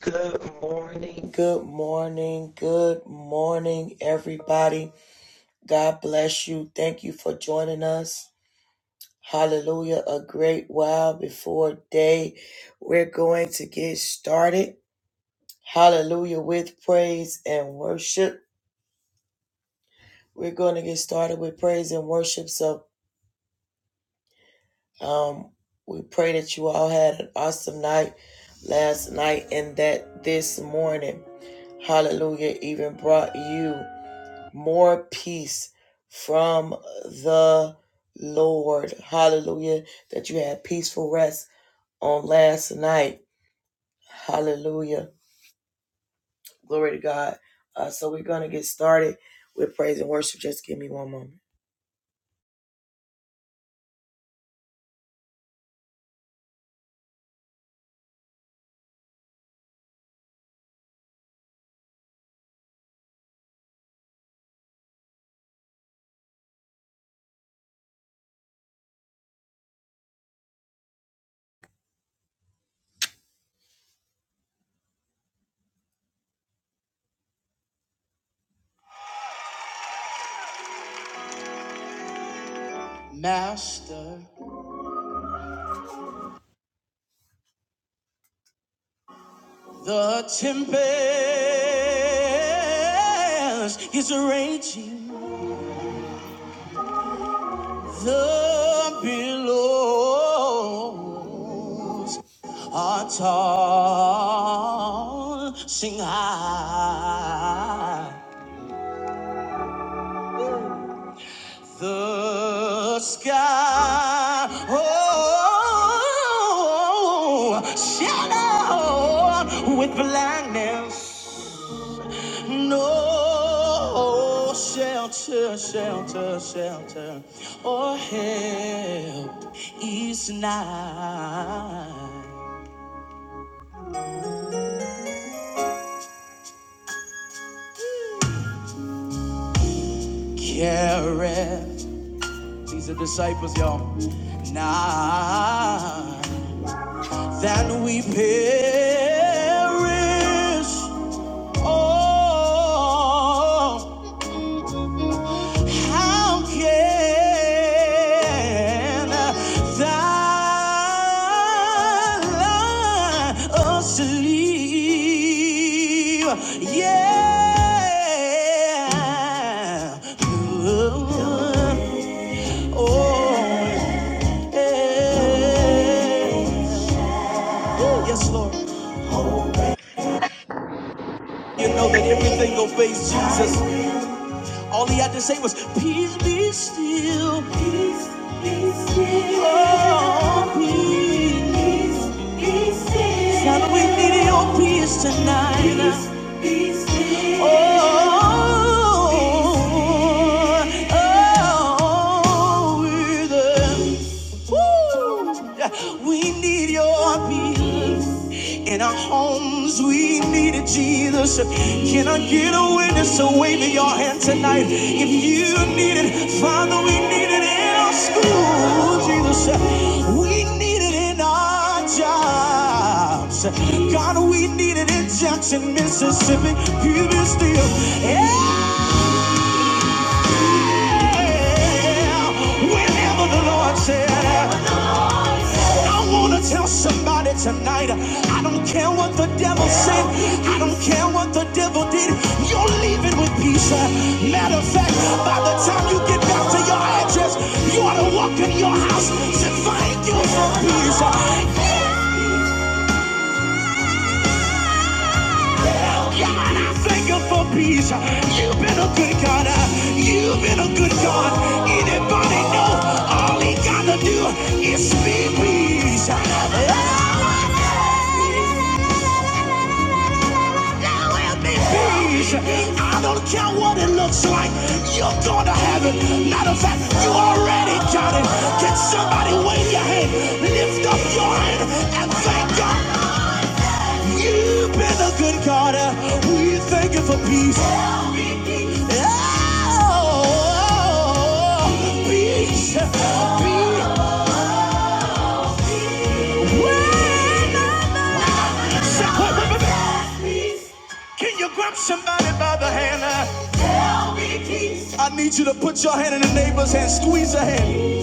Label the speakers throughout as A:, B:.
A: Good morning, good morning, good morning, everybody. God bless you. Thank you for joining us. Hallelujah. A great while before day. We're going to get started. Hallelujah with praise and worship. We're going to get started with praise and worship. So, um, we pray that you all had an awesome night last night and that this morning, hallelujah, even brought you. more peace from the Lord. Hallelujah. That you had peaceful rest on last night. Hallelujah. Glory to God. Uh, so we're going to get started with praise and worship. Just give me one moment. Master, the tempest is raging. The billows are tall, sing high. The sky oh, shadowed with blackness. No shelter, shelter, shelter, or help is nigh Carried These are disciples, y'all. Nigh. that we perish. Oh, how can thou us leave? Yeah. Oh, yeah. Yes, Lord. You know that everything obeys Jesus. All he had to say was, Peace be still. Peace be oh, still. peace. Peace God, we need your peace tonight. Peace be still. Oh, oh, oh, we're the- Woo! Yeah, we need your peace. In our homes, we needed Jesus. Can I get a witness to wave your hand tonight? If you need it, Father, we need it in our school, Jesus. We need it in our jobs. God, we need it in Jackson, Mississippi, Puget Steel. Yeah, whenever the Lord said. I wanna tell somebody tonight, I don't care what the devil said, I don't care what the devil did, you're leaving with peace. Matter of fact, by the time you get back to your address, you ought to walk in your house to thank you for peace. Yeah, yeah, God, I thank you for peace. You've been a good God. You've been a good God. Anybody know all he gotta do is speak peace. Yeah. Now let me please. I don't care what it looks like. You're going to heaven. Matter of fact, you already got it. Can somebody wave your hand? Lift up your hand and thank God. You've been a good God. We thank you for peace. Oh, oh, oh, oh. peace. Peace. Can you grab somebody by the hand? Tell me please. I need you to put your hand in the neighbor's hand, squeeze her hand.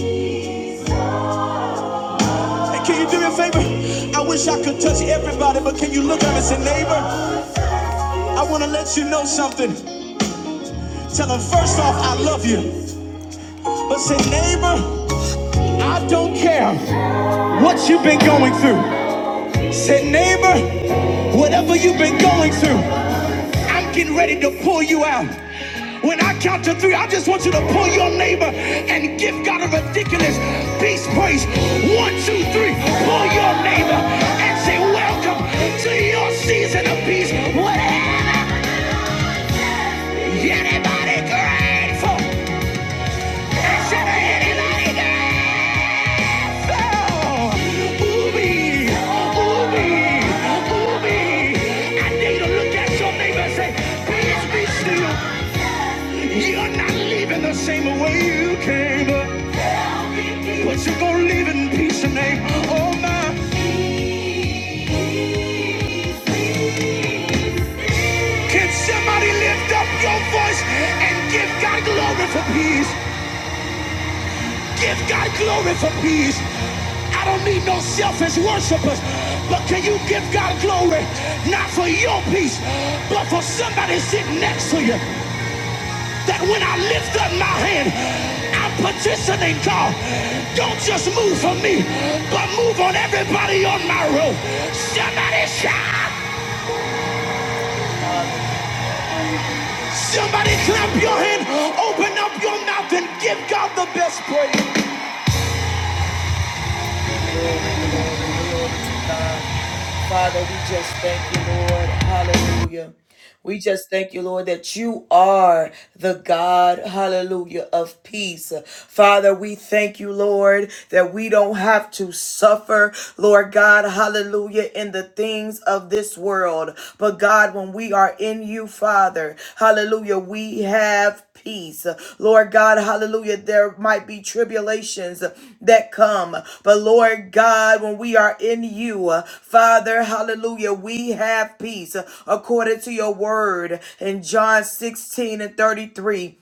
A: And can you do me a favor? I wish I could touch everybody, but can you look at me and say, neighbor, I want to let you know something. Tell them first off, I love you. But say, neighbor, I don't care what you've been going through. Say, neighbor, whatever you've been going through. I'm getting ready to pull you out. When I count to three, I just want you to pull your neighbor and give God a ridiculous peace praise. One, two, three. Pull your neighbor and say, Welcome to your season of peace. What anybody grateful? I said anybody grateful? Ooh-wee, ooh-wee, ooh-wee. I need to look at your neighbor and say, Peace be still. You're not leaving the same way you came, but you're gonna leave in peace and name. Oh my, can somebody lift up your voice and give God glory for peace? Give God glory for peace. I don't need no selfish worshipers, but can you give God glory not for your peace, but for somebody sitting next to you? that when I lift up my hand, I'm petitioning God. Don't just move for me, but move on everybody on my road. Somebody shout. Somebody clap your hand. Open up your mouth and give God the best praise. glory, glory, glory to God. Father, we just thank you, Lord. Hallelujah. We just thank you, Lord, that you are the God, hallelujah, of peace. Father, we thank you, Lord, that we don't have to suffer, Lord God, hallelujah, in the things of this world. But God, when we are in you, Father, hallelujah, we have have peace. Lord God, hallelujah, there might be tribulations that come. But Lord God, when we are in you, uh, Father, hallelujah, we have peace uh, according to your word in John 16 and 33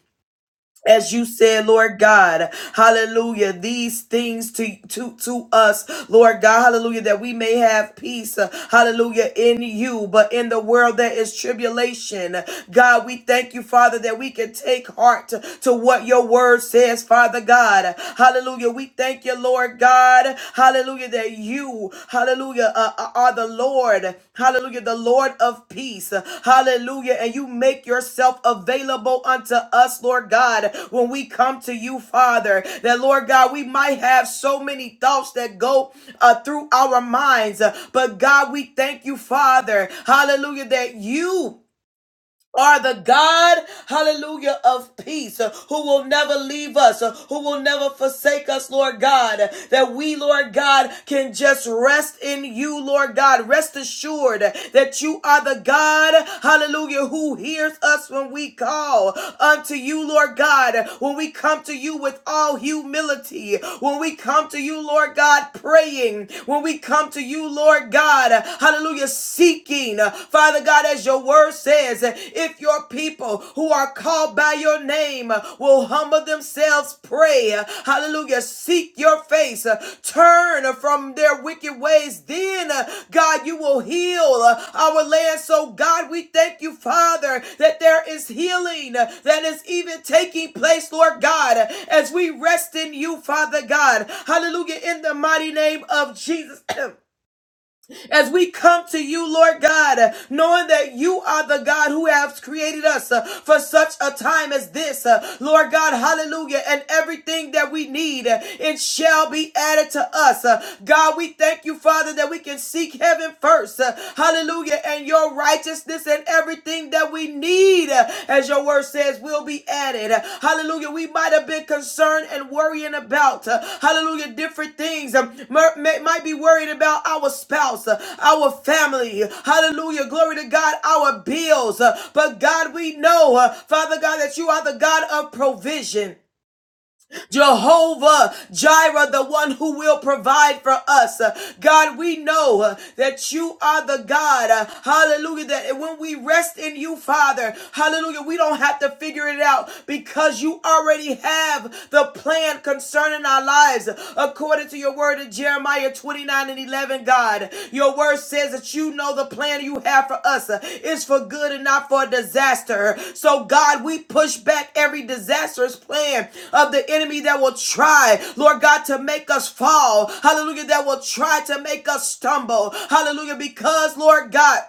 A: as you said, Lord God, hallelujah, these things to, to, to us, Lord God, hallelujah, that we may have peace, uh, hallelujah, in you, but in the world there is tribulation. God, we thank you, Father, that we can take heart to, to what your word says, Father God, hallelujah. We thank you, Lord God, hallelujah, that that you, hallelujah, uh, uh, are the Lord, hallelujah, the Lord of peace, hallelujah, and you make yourself available unto us, Lord God, when we come to you, Father, that Lord God, we might have so many thoughts that go uh, through our minds, but God, we thank you, Father, hallelujah, that you are the God, hallelujah, of peace, uh, who will never leave us, uh, who will never forsake us, Lord God, uh, that we, Lord God, can just rest in you, Lord God. Rest assured that you are the God, hallelujah, who hears us when we call unto you, Lord God, when we come to you with all humility, when we come to you, Lord God, praying, when we come to you, Lord God, hallelujah, seeking asking. Uh, Father God, as your word says, uh, if your people who are called by your name uh, will humble themselves, pray, uh, hallelujah, seek your face, uh, turn uh, from their wicked ways, then, uh, God, you will heal uh, our land. So, God, we thank you, Father, that there is healing uh, that is even taking place, Lord God, uh, as we rest in you, Father God. Hallelujah, in the mighty name of Jesus. as we come to you, Lord God, uh, knowing that you are the God who has created us uh, for such a time as this, uh, Lord God, hallelujah, and everything that we need, uh, it shall be added to us. Uh, God, we thank you, Father, that we can seek heaven first, uh, hallelujah, and your righteousness and everything that we we need, uh, as your word says, will be added. Uh, Hallelujah. We might have been concerned and worrying about, uh, hallelujah, different things. Um, Might be worried about our spouse, uh, our family. Hallelujah. Glory to God, our bills. Uh, But God, we know, uh, Father God, that you are the God of provision. Jehovah Jireh, the one who will provide for us. Uh, God, we know uh, that you are the God, uh, hallelujah, that when we rest in you, Father, hallelujah, we don't have to figure it out because you already have the plan concerning our lives according to your word in Jeremiah Isaiah 29 and 11, God. Your word says that you know the plan you have for us uh, is for good and not for disaster. So, God, we push back every disastrous plan of the enemy that will try, Lord God, to make us fall. Hallelujah, that will try to make us stumble. Hallelujah, because, Lord God,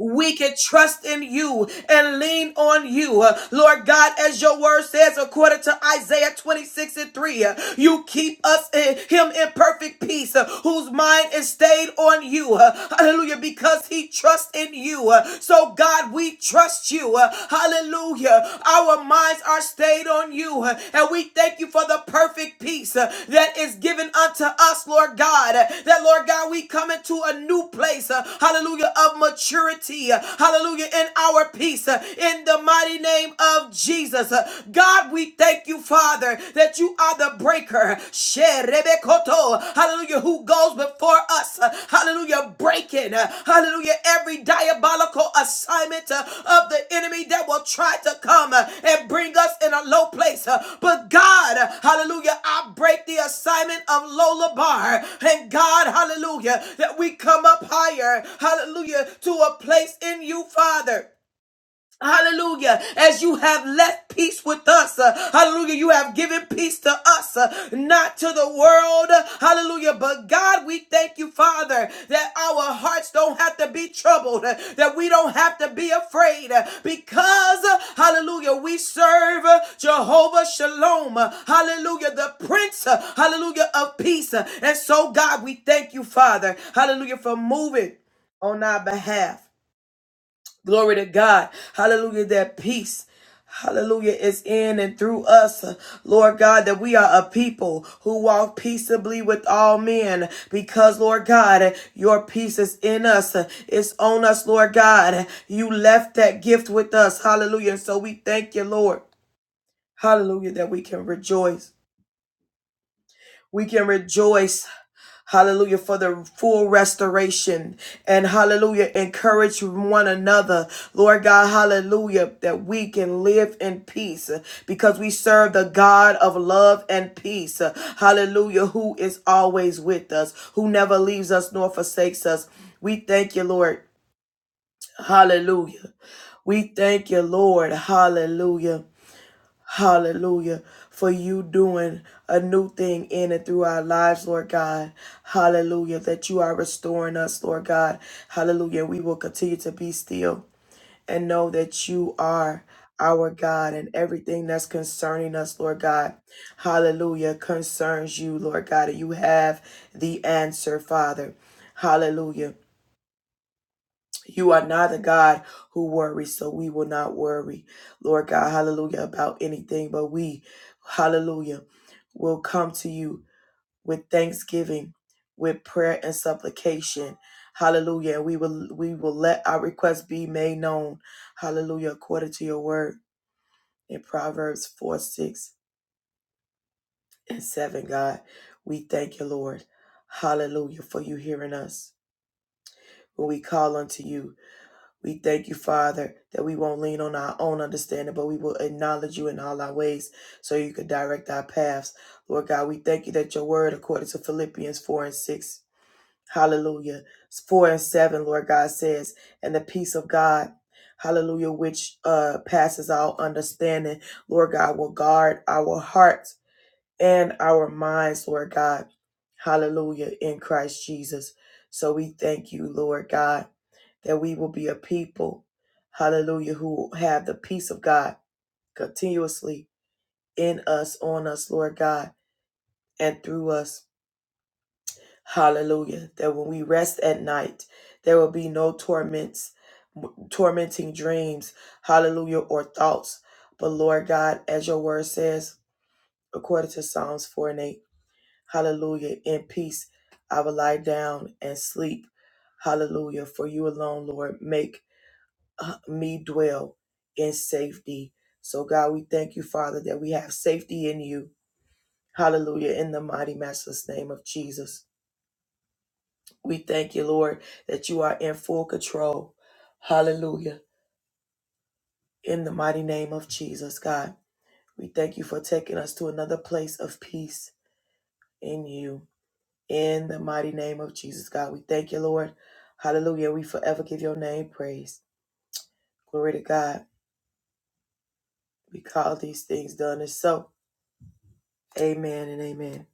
A: we can trust in you and lean on you. Uh, Lord God, as your word says, according to Isaiah 26 and 3, uh, you keep us in him in perfect peace, uh, whose mind is stayed on you. Uh, Hallelujah, because he trusts in you. Uh, So God, we trust you. Uh, Hallelujah. Our minds are stayed on you you. uh, And we thank you for the perfect peace uh, that is given unto us, Lord God. uh, That, Lord God, we come into a new place, uh, hallelujah, of maturity, uh, hallelujah, in our peace, uh, in the mighty name of Jesus. Uh, God, we thank you, Father, that you are the breaker. Hallelujah, who goes before us. uh, Hallelujah. Breaking, uh, hallelujah, every diabolical assignment uh, of the enemy that will try to come uh, and bring us in a low place. uh, But God, uh, hallelujah, I break the assignment of Lola Bar. And God, hallelujah, that we come up higher, hallelujah, to a place in you, Father. Hallelujah. As you have left peace with us. uh, hallelujah. You have given peace to us, uh, not to the world. uh, Hallelujah. But God, we thank you, Father, that our hearts don't have to be troubled, uh, that we don't have to be afraid uh, because, uh, hallelujah, we serve uh, Jehovah Shalom. uh, Hallelujah. The Prince, uh, hallelujah, of peace. uh, And so, God, we thank you, Father. Hallelujah, for moving on our behalf. Glory to God. Hallelujah. That peace. Hallelujah is in and through us, Lord God, that we are a people who walk peaceably with all men because, Lord God, your peace is in us. It's on us, Lord God. You left that gift with us. Hallelujah. So we thank you, Lord. Hallelujah, that we can rejoice. We can rejoice Hallelujah for the full restoration and hallelujah. Encourage one another, Lord God. Hallelujah that we can live in peace uh, because we serve the God of love and peace. uh, Hallelujah, who is always with us, who never leaves us nor forsakes us. We thank you, Lord. Hallelujah. We thank you, Lord. Hallelujah. Hallelujah. For you doing a new thing in and through our lives, Lord God. Hallelujah. That you are restoring us, Lord God. Hallelujah. We will continue to be still and know that you are our God and everything that's concerning us, Lord God. Hallelujah. Concerns you, Lord God. And you have the answer, Father. Hallelujah. You are not a God who worries, so we will not worry, Lord God, hallelujah, about anything, but we, hallelujah, will come to you with thanksgiving, with prayer and supplication. Hallelujah. And we will we will let our requests be made known. Hallelujah. According to your word in Proverbs 4, 6, and 7, God. We thank you, Lord. Hallelujah. For you hearing us. When we call unto you. We thank you, Father, that we won't lean on our own understanding, but we will acknowledge you in all our ways so you can direct our paths. Lord God, we thank you that your word, according to Philippians 4 and 6, hallelujah, 4 and 7, Lord God says, and the peace of God, hallelujah, which uh, passes all understanding, Lord God, will guard our hearts and our minds, Lord God. Hallelujah, in Christ Jesus. So we thank you, Lord God, that we will be a people, hallelujah, who have the peace of God continuously in us, on us, Lord God, and through us. Hallelujah. That when we rest at night, there will be no torments, tormenting dreams, hallelujah, or thoughts. But Lord God, as your word says, according to Psalms 4 and 8, Hallelujah. In peace, I will lie down and sleep. Hallelujah. For you alone, Lord, make uh, me dwell in safety. So, God, we thank you, Father, that we have safety in you. Hallelujah. In the mighty, matchless name of Jesus. We thank you, Lord, that you are in full control. Hallelujah. In the mighty name of Jesus, God, we thank you for taking us to another place of peace in you. In the mighty name of Jesus, God, we thank you, Lord. Hallelujah. We forever give your name praise. Glory to God. We call these things done and so. Amen and amen.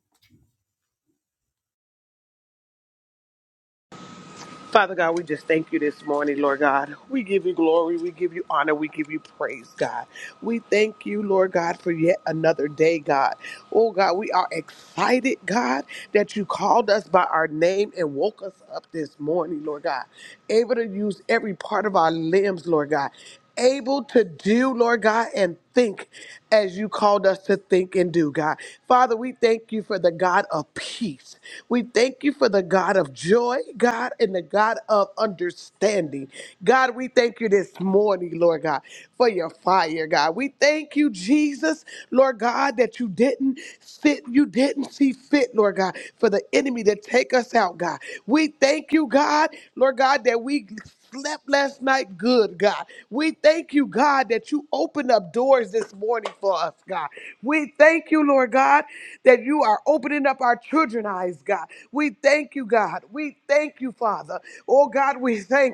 B: Father God, we just thank you this morning, Lord God. We give you glory, we give you honor, we give you praise, God. We thank you, Lord God, for yet another day, God. Oh God, we are excited, God, that you called us by our name and woke us up this morning, Lord God. Able to use every part of our limbs, Lord God able to do, Lord God, and think as you called us to think and do, God. Father, we thank you for the God of peace. We thank you for the God of joy, God, and the God of understanding. God, we thank you this morning, Lord God, for your fire, God. We thank you, Jesus, Lord God, that you didn't sit, you didn't see fit, Lord God, for the enemy to take us out, God. We thank you, God, Lord God, that we slept last night good, God. We thank you, God, that you opened up doors this morning for us, God. We thank you, Lord God, that you are opening up our children's eyes, God. We thank you, God. We thank you, Father. Oh, God, we thank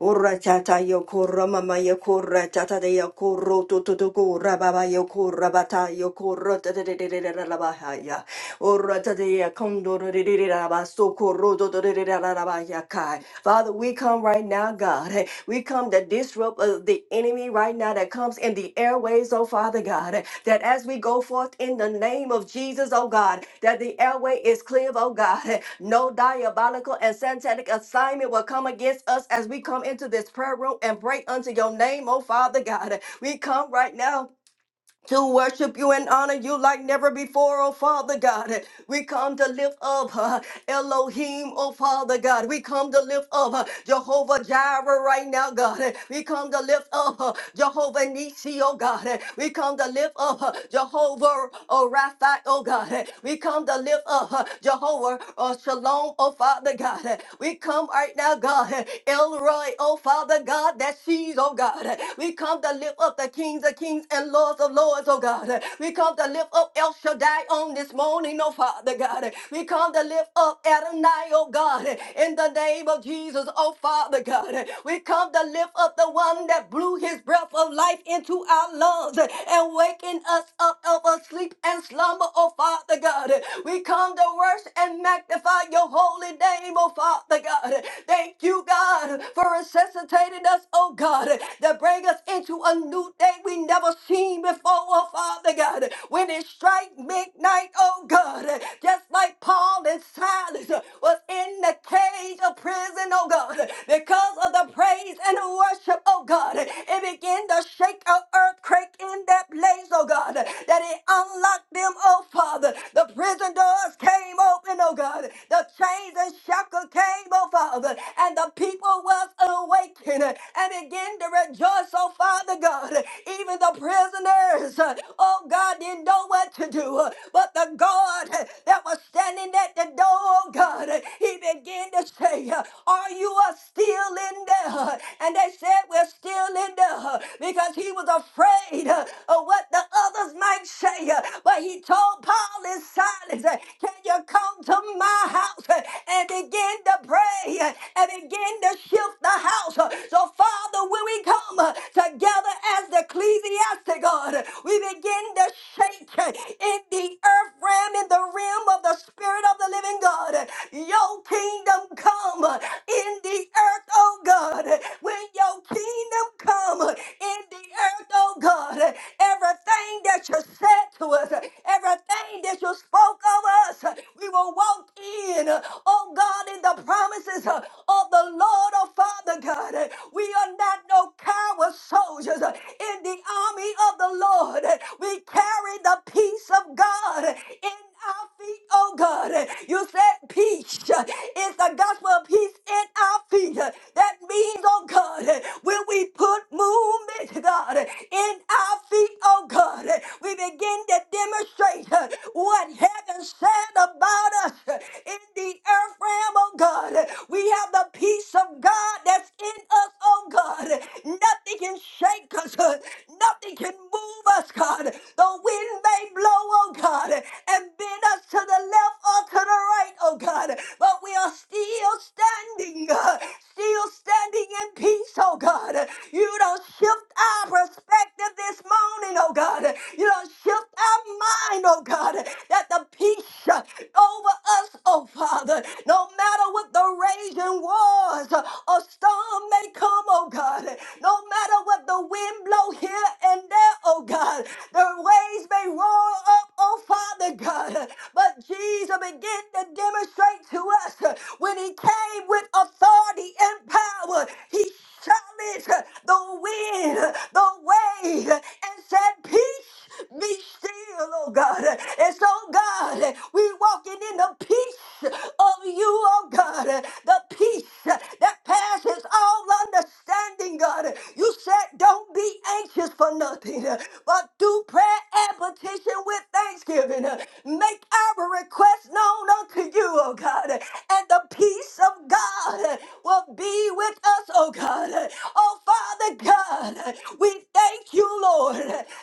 C: Ora tata yokora mama yokora tata de yokoro tututuku rababa yokora bata yokoro tadadadadadadabahaya. Ora tata ya kondoro dededabasokoro totodadadadabayakai. Father, we come right now, God. eh, We come to disrupt uh, the enemy right now that comes in the airways, oh Father God that as we go forth in the name of Jesus, oh God, that the airway is clear, oh God. No diabolical and satanic assignment will come against us as we come into this prayer room and pray unto your name, oh Father God. We come right now to worship you and honor you like never before, oh Father God. We come to lift up uh, Elohim, oh Father God. We come to lift up uh, Jehovah Jireh right now, God. We come to lift up uh, Jehovah Nisi, oh God. We come to lift up uh, Jehovah oh, Rapha, oh God. We come to lift up uh, Jehovah uh, Shalom, oh Father God. We come right now, God. Elroy, Roy, oh Father God, that sees, oh God. We we come to lift up the kings of kings and lords of lords, oh God. We come to lift up El Shaddai on this morning, oh Father God. We come to lift up Adonai, oh God, in the name of Jesus, oh Father God. We come to lift up the one that blew his breath of life into our lungs and waking us up of a sleep and slumber, oh Father God. We come to worship and magnify your holy name, oh Father God. Thank you, God, for are resuscitating us, oh God, to bring us into a new day we never seen before, oh Father God. When it strike midnight, oh God, just like Paul and Silas was in the cage of prison, oh God, because of the praise and the worship, oh God, it began to shake an earthquake in that place, oh God, that it unlocked them, oh Father. The prison doors came open, oh God. The chains and shackles came people, Father. And the people was awakened and began to rejoice, oh Father God. Even the prisoners, oh God, didn't know what to do. But the God that was standing at the door, oh God, he began to say, Are you a still in there? And they said, We're still in there because he was afraid of what the others might say. But he told Paul and Silas, Can you come? come to my house uh, and begin to pray uh, and begin to shift the house. Uh, So, Father, when we come uh, together as the ecclesiastic God, uh, we begin to shake uh, in the earth realm, in the realm of the Spirit of the living God. Uh, Your kingdom come uh, in the earth, oh God. Uh, When your kingdom come uh, in the earth, oh God, uh, everything that you said to us, uh, everything that you spoke over us. We will walk in, oh God, in the promises of the Lord, oh Father God. We are not no coward soldiers in the army of the Lord. We carry the peace of God in our feet, oh God. You said peace is the gospel of peace in our feet. That means, oh God, when we put movement, God, in our feet, oh God, we begin to demonstrate what heaven said about us in the earth realm, oh God. We have the peace of God that's in us, oh God. Nothing can shake us. uh, Nothing can move us, God. The wind may blow, oh God, and bend us to the left or to the right, oh God. But we are still standing, uh, still standing in peace, oh God. You don't shift our perspective this morning, oh God. You don't shift our mind, oh God, that the peace uh, over over us, oh Father. No matter what the raging was, a storm may come, oh God. No matter what the wind blow here and there, oh God. The waves may roar up, oh Father God. But Jesus began to demonstrate to us uh, when he came with authority and power, he challenged uh, the wind, uh, the wave, uh, and said, Peace be still, oh God. And so, God, we walking in the peace of you, oh God. The peace that passes all understanding, God. You said, don't be anxious for nothing, but through prayer and petition with thanksgiving, make our request known unto you, oh God. And the peace of God will be with us, oh God. Oh, Father God, we thank you, Lord,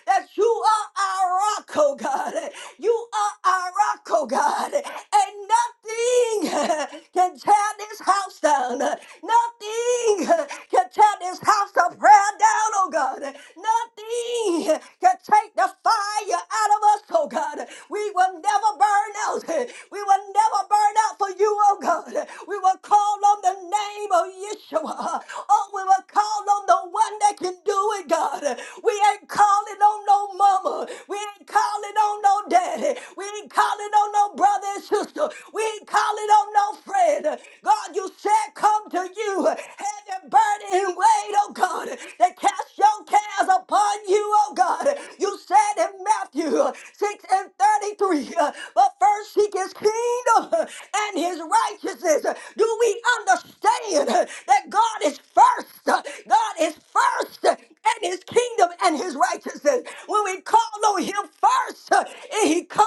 C: that you are our rock, oh God. You are our rock, oh God. And nothing can tear this house down. Nothing can tear this house of prayer down, oh God. Nothing can take the fire out of us, oh God. We will never burn out. We will never burn out for you, oh God. We will call on the name of Yeshua. Oh, we will call on the one that can do it, God. We ain't calling on no mama. We ain't calling on no daddy. We ain't calling on no brother and sister. We ain't calling on no friend. God, you said come to you. Heavy burden and weight, oh God, that cast your cares upon you, oh God. You said in Matthew 6 and 33, uh, but first seek his kingdom uh, and his righteousness. Do we understand uh, that God is first. God is first and his kingdom and his righteousness. When we call on him first, and he come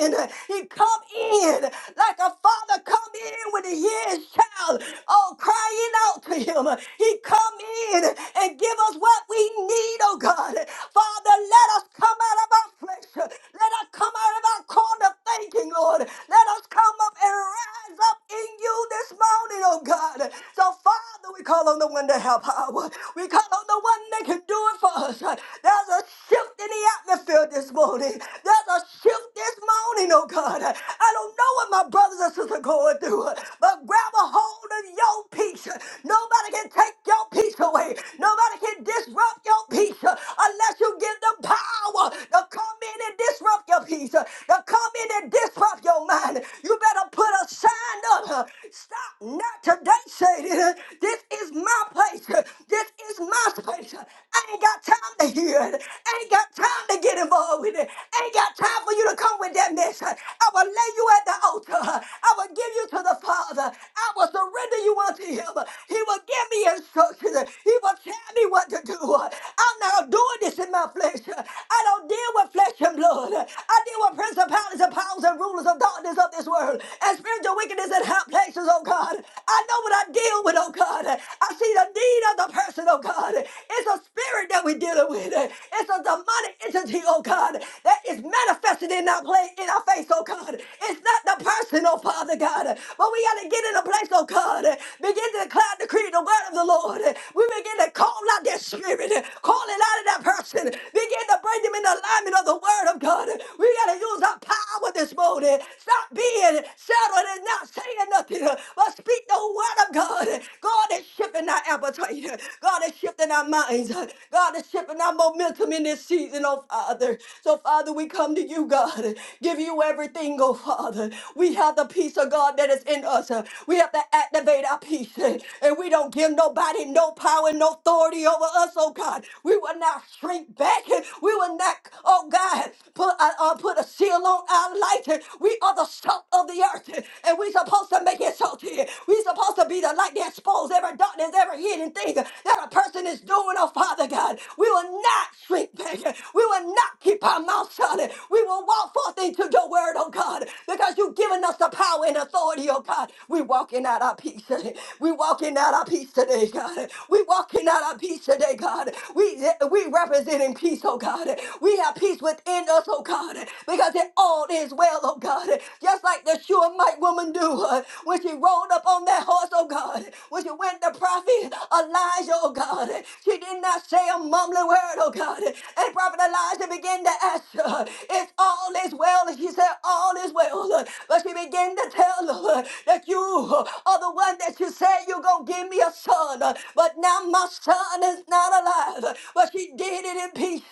C: in. He come in like a father come in with a year's child, oh, crying out to him. He come in and give us what we need, oh God. Father, let us come out of our flesh. Let us come out of our corner thinking, Lord. Let us come up and rise up in you this morning, oh God. So, Father, we call on the on the one that have power. We call on the one that can do it for us. There's a shift in the atmosphere this morning. There's a shift this morning, oh God. I don't know what my brothers and sisters are going through, but grab a hold of your peace. Nobody can take your peace away. Nobody can disrupt your peace unless you give them power to come in and disrupt your peace, to come in and disrupt your mind. You better put a sign up. Stop not today, Satan. This is my my place. This is my space. I ain't got time to hear it. I ain't got time to get involved with it. I ain't got time for you to come with that mess. I will lay you at the altar. I will give you to the Father. I will surrender you unto Him. He will give me instructions. He will tell me what to do. I'm not doing this in my flesh. I don't deal with flesh and blood. I deal with principalities and powers and rulers of darkness of this world and spiritual wickedness in high places, oh God. I know what I deal with, oh God. I see the need of the person, oh God. It's a spirit that we're dealing with. It's a demonic entity, oh God, that is manifested in our play in our face, oh God. It's not the person, oh Father God. But we gotta get in a place, oh God. Begin to declare, decree the word of the Lord. We begin to call out that spirit, calling out of that person. Begin to bring them in alignment of the word of God. We got to use our power this morning. Stop being settled and not saying nothing, but speak the word of God. God is shifting our appetite. God is shifting our minds. God is shifting our momentum in this season, well, Father. So, Father, we come to you, God. Give you everything, oh Father. We have the peace of God that is in us. Uh, We have to activate our peace. uh, And we don't give nobody no power, no authority over us, oh God. We will not shrink back. uh, We will not, oh God, put, uh, uh, put a seal on our light. uh, We are the salt of the earth. uh, And we're supposed to make it salty. We're supposed to be the light that exposes every darkness, every hidden thing uh, that a person is doing, oh Father God. We will not shrink back back. We will not keep our mouth shut. We will walk forth into your word, oh God, because you've given us the power and authority, oh God. We walking out our peace today. We walking out our peace today, God. We walking out our peace today, God. We we representing peace, oh God. We have peace within us, oh God, because it all is well, oh God. Just like the Shulamite woman do uh, when she rolled up on that horse, oh God. When she went to prophet Elijah, oh God. She did not say a mumbling word, oh God. God. And Prophet Elijah began to ask her, It's all is well. And she said, All is well. But she began to tell her that you are the one that you said you're going to give me a son. But now my son is not alive. But she did it in peace.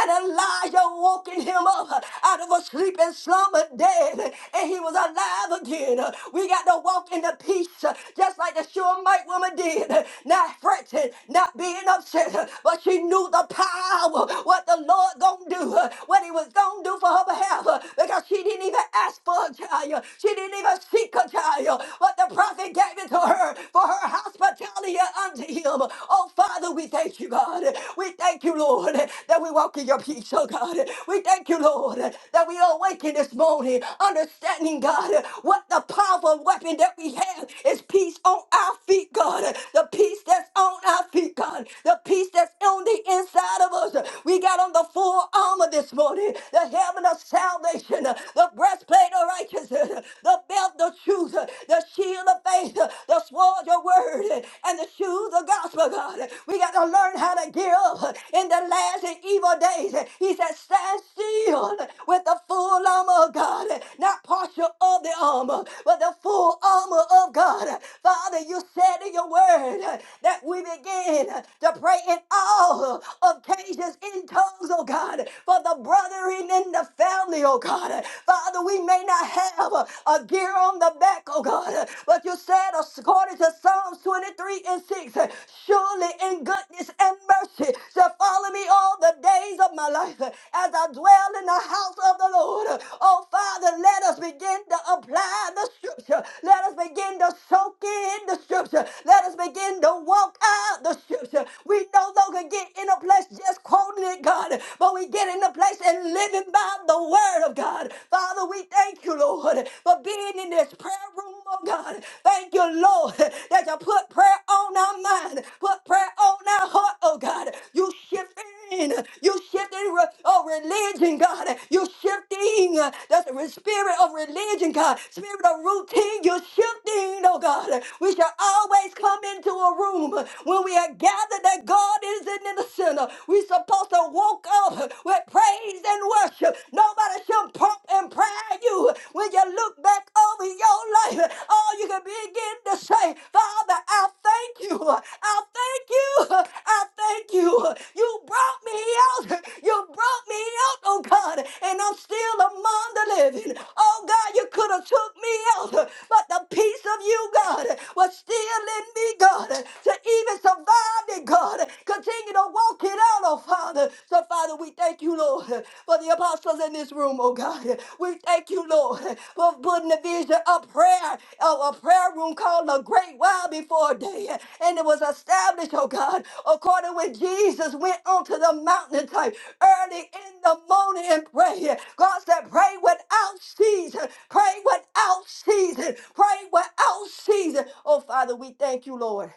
C: And Elijah woken him up out of a sleep and slumber dead. And he was alive again. We got to walk in the peace just like the Shulamite woman did. Not fretting, not being upset, but she knew the knew the power, what the Lord gonna do, uh, what he was gonna do for her behalf, uh, because she didn't even ask for a child. She didn't even seek a child, but the prophet gave it to her for her hospitality unto him. Oh, Father, we thank you, God. We thank you, Lord, that we walk in your peace, oh God. We thank you, Lord, that we awaken this morning, understanding, God, what the powerful weapon that we have is peace on our feet, God. The peace that's on our feet, God. The peace that's on the inside of us. We got on the full armor this morning, the helmet of salvation, the breastplate of righteousness, the belt of truth, the shield of faith, the sword of word, and the shoes of gospel, God. We got to learn how to gear up in the last and evil days. He said, stand still with the full armor of God, not partial of the armor, but the full armor of God. Father, you said in your word that we begin to pray in all occasions in tongues, oh God, for the brethren in the family, oh God. Father, we may not have a a gear on the back, oh God, but you said, according to Psalms 23 and 6, surely in goodness and mercy shall follow me all the days of my life as I dwell in the house of the Lord. Oh Father, let us begin to apply the scripture. Let us begin to soak in the scripture. Let us begin to walk out the scripture scripture. We no longer get in a place just quoting it, God, but we get in a place and living by the word of God. Father, we thank you, Lord, for being in this prayer room, oh God. Thank you, Lord, that you put prayer on our mind, put prayer on our heart, oh God. You shift shifting. you shifting re- oh, religion, God. you shifting. uh, That's the re- spirit of religion, God. Spirit of routine. you shifting, oh God. We shall always come into a room when we are gathered that God is in the center. we supposed to walk up with praise and worship. Nobody should pump and pry you. When you look back over your life, all you can be begin to say, Father, I thank you. I thank you. I thank you. You brought me out. You brought me out, oh God, and I'm still among the living. Oh God, you could have took me out, but the peace of you, God was still in me, God, to even survive it, God. Continue to walk it out, oh Father. So, Father, we thank you, Lord, for the apostles in this room, oh God. We thank you, Lord, for putting the vision of prayer, of a prayer room called the Great Wild before a day. And it was established, oh God, according when Jesus went onto the mountaintop early in the morning and prayed. God said, pray without season. Pray without season. Pray without season. Oh, Father, we thank you, Lord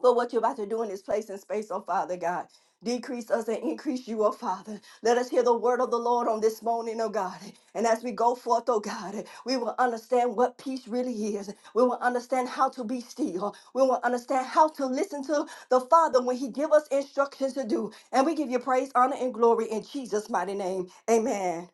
C: for what you're about to do in this place and space, oh Father God. Decrease us and increase you, oh Father. Let us hear the word of the Lord on this morning, oh God. And as we go forth, oh God, we will understand what peace really is. We will understand how to be still. We will understand how to listen to the Father when He give us instructions to do. And we give you praise, honor, and glory in Jesus' mighty name. Amen.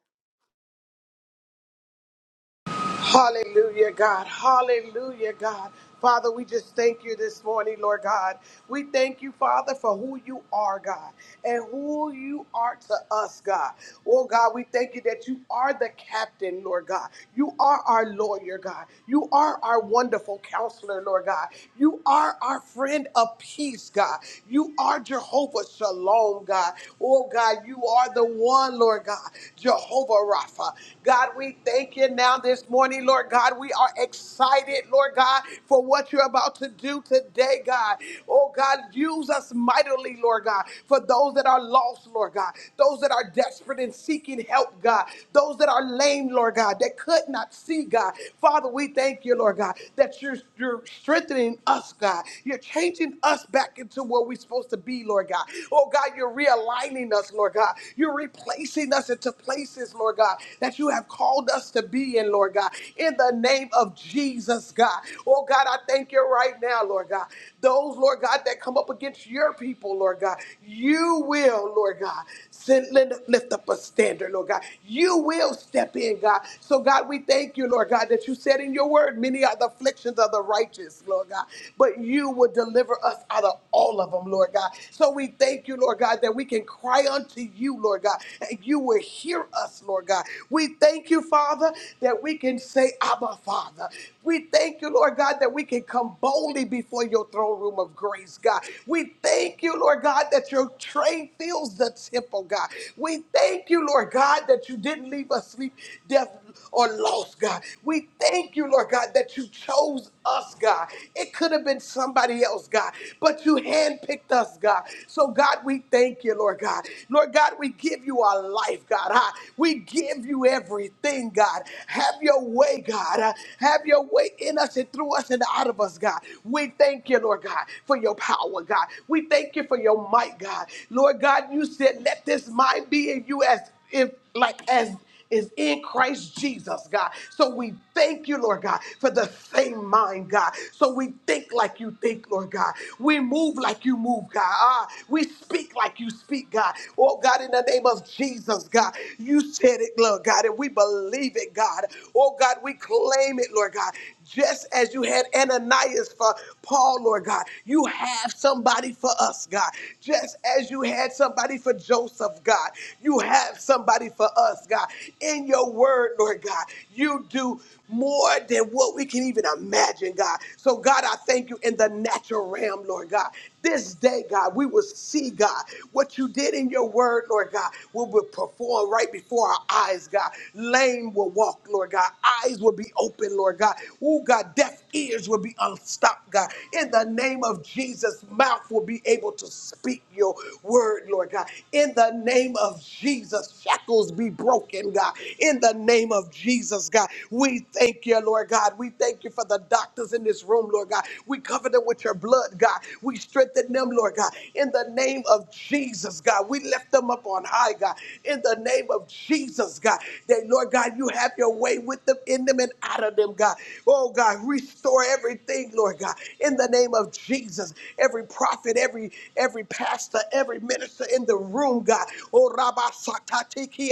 B: Hallelujah, God. Hallelujah, God. Father, we just thank you this morning, Lord God. We thank you, Father, for who you are, God, and who you are to us, God. Oh, God, we thank you that you are the captain, Lord God. You are our lawyer, God. You are our wonderful counselor, Lord God. You are our friend of peace, God. You are Jehovah Shalom, God. Oh, God, you are the one, Lord God, Jehovah Rapha. God, we thank you now on this morning, Lord God. We are excited, Lord God, for what you're about to do today, God. Oh, God, use us mightily, Lord God, for those that are lost, Lord God, those that are desperate and seeking help, God, those that are lame, Lord God, that could not see, God. Father, we thank you, Lord God, that you're, you're strengthening us, God. You're changing us back into where we're supposed to be, Lord God. Oh, God, you're realigning us, Lord God. You're replacing us into places, Lord God, that you have called us to to be in, Lord God. In the name of Jesus, God. Oh, God, I thank you right now, Lord God. Those, Lord God, that come up against your people, Lord God, you will, Lord God, send, lift lift up a standard, Lord God. You will step in, God. So, God, we thank you, Lord God, that you said in your word, many are the afflictions of the righteous, Lord God, but you will deliver us out of all of them, Lord God. So, we thank you, Lord God, that we can cry unto you, Lord God, and you will hear us, Lord God. We thank you you, Father, that we can say, Abba, Father. We thank you, Lord God, that we can come boldly before your throne room of grace, God. We thank you, Lord God, that your train fills the temple, God. We thank you, Lord God, that you didn't leave us sleep, deaf, or lost, God. We thank you, Lord God, that you chose us, God. It could have been somebody else, God, but you handpicked us, God. So, God, we thank you, Lord God. Lord God, we give you our life, God. huh? We give you everything everything, God. Have your way, God. Uh, Have your way in us and through us and out of us, God. We thank you, Lord God, for your power, God. We thank you for your might, God. Lord God, you said, let this mind be in you as if like as is in Christ Jesus, God. So we thank you, Lord God, for the same mind, God. So we think like you think, Lord God. We move like you move, God. Ah, we speak like you speak, God. Oh, God, in the name of Jesus, God, you said it, it, Lord God, and we believe it, God. Oh God, we claim it, Lord God. Just as you had Ananias for Paul, Lord God, you have somebody for us, God. Just as you had somebody for Joseph, God, you have somebody for us, God. In your word, Lord God, you do more than what we can even imagine, God. So, God, I thank you in the natural realm, Lord God. This day, God, we will see, God, what you did in your word, Lord God, will be performed right before our eyes, God. Lame will walk, Lord God. Eyes will be open, Lord God. Oh, God, deaf ears will be unstopped, God. In the name of Jesus, mouth will be able to speak your word, Lord God. In the name of Jesus, shackles be broken, God. In the name of Jesus, God. We thank you, Lord God. We thank you for the doctors in this room, Lord God. We cover them with your blood, God. We strengthen them, Lord God. In the name of Jesus, God. We lift them up on high, God. In the name of Jesus, God. That, Lord God, you have your way with them, in them, and out of them, God. Oh, God, restore everything, Lord God. In the name of Jesus, every prophet, every every pastor, every minister in the room, God. Oh, Rabbi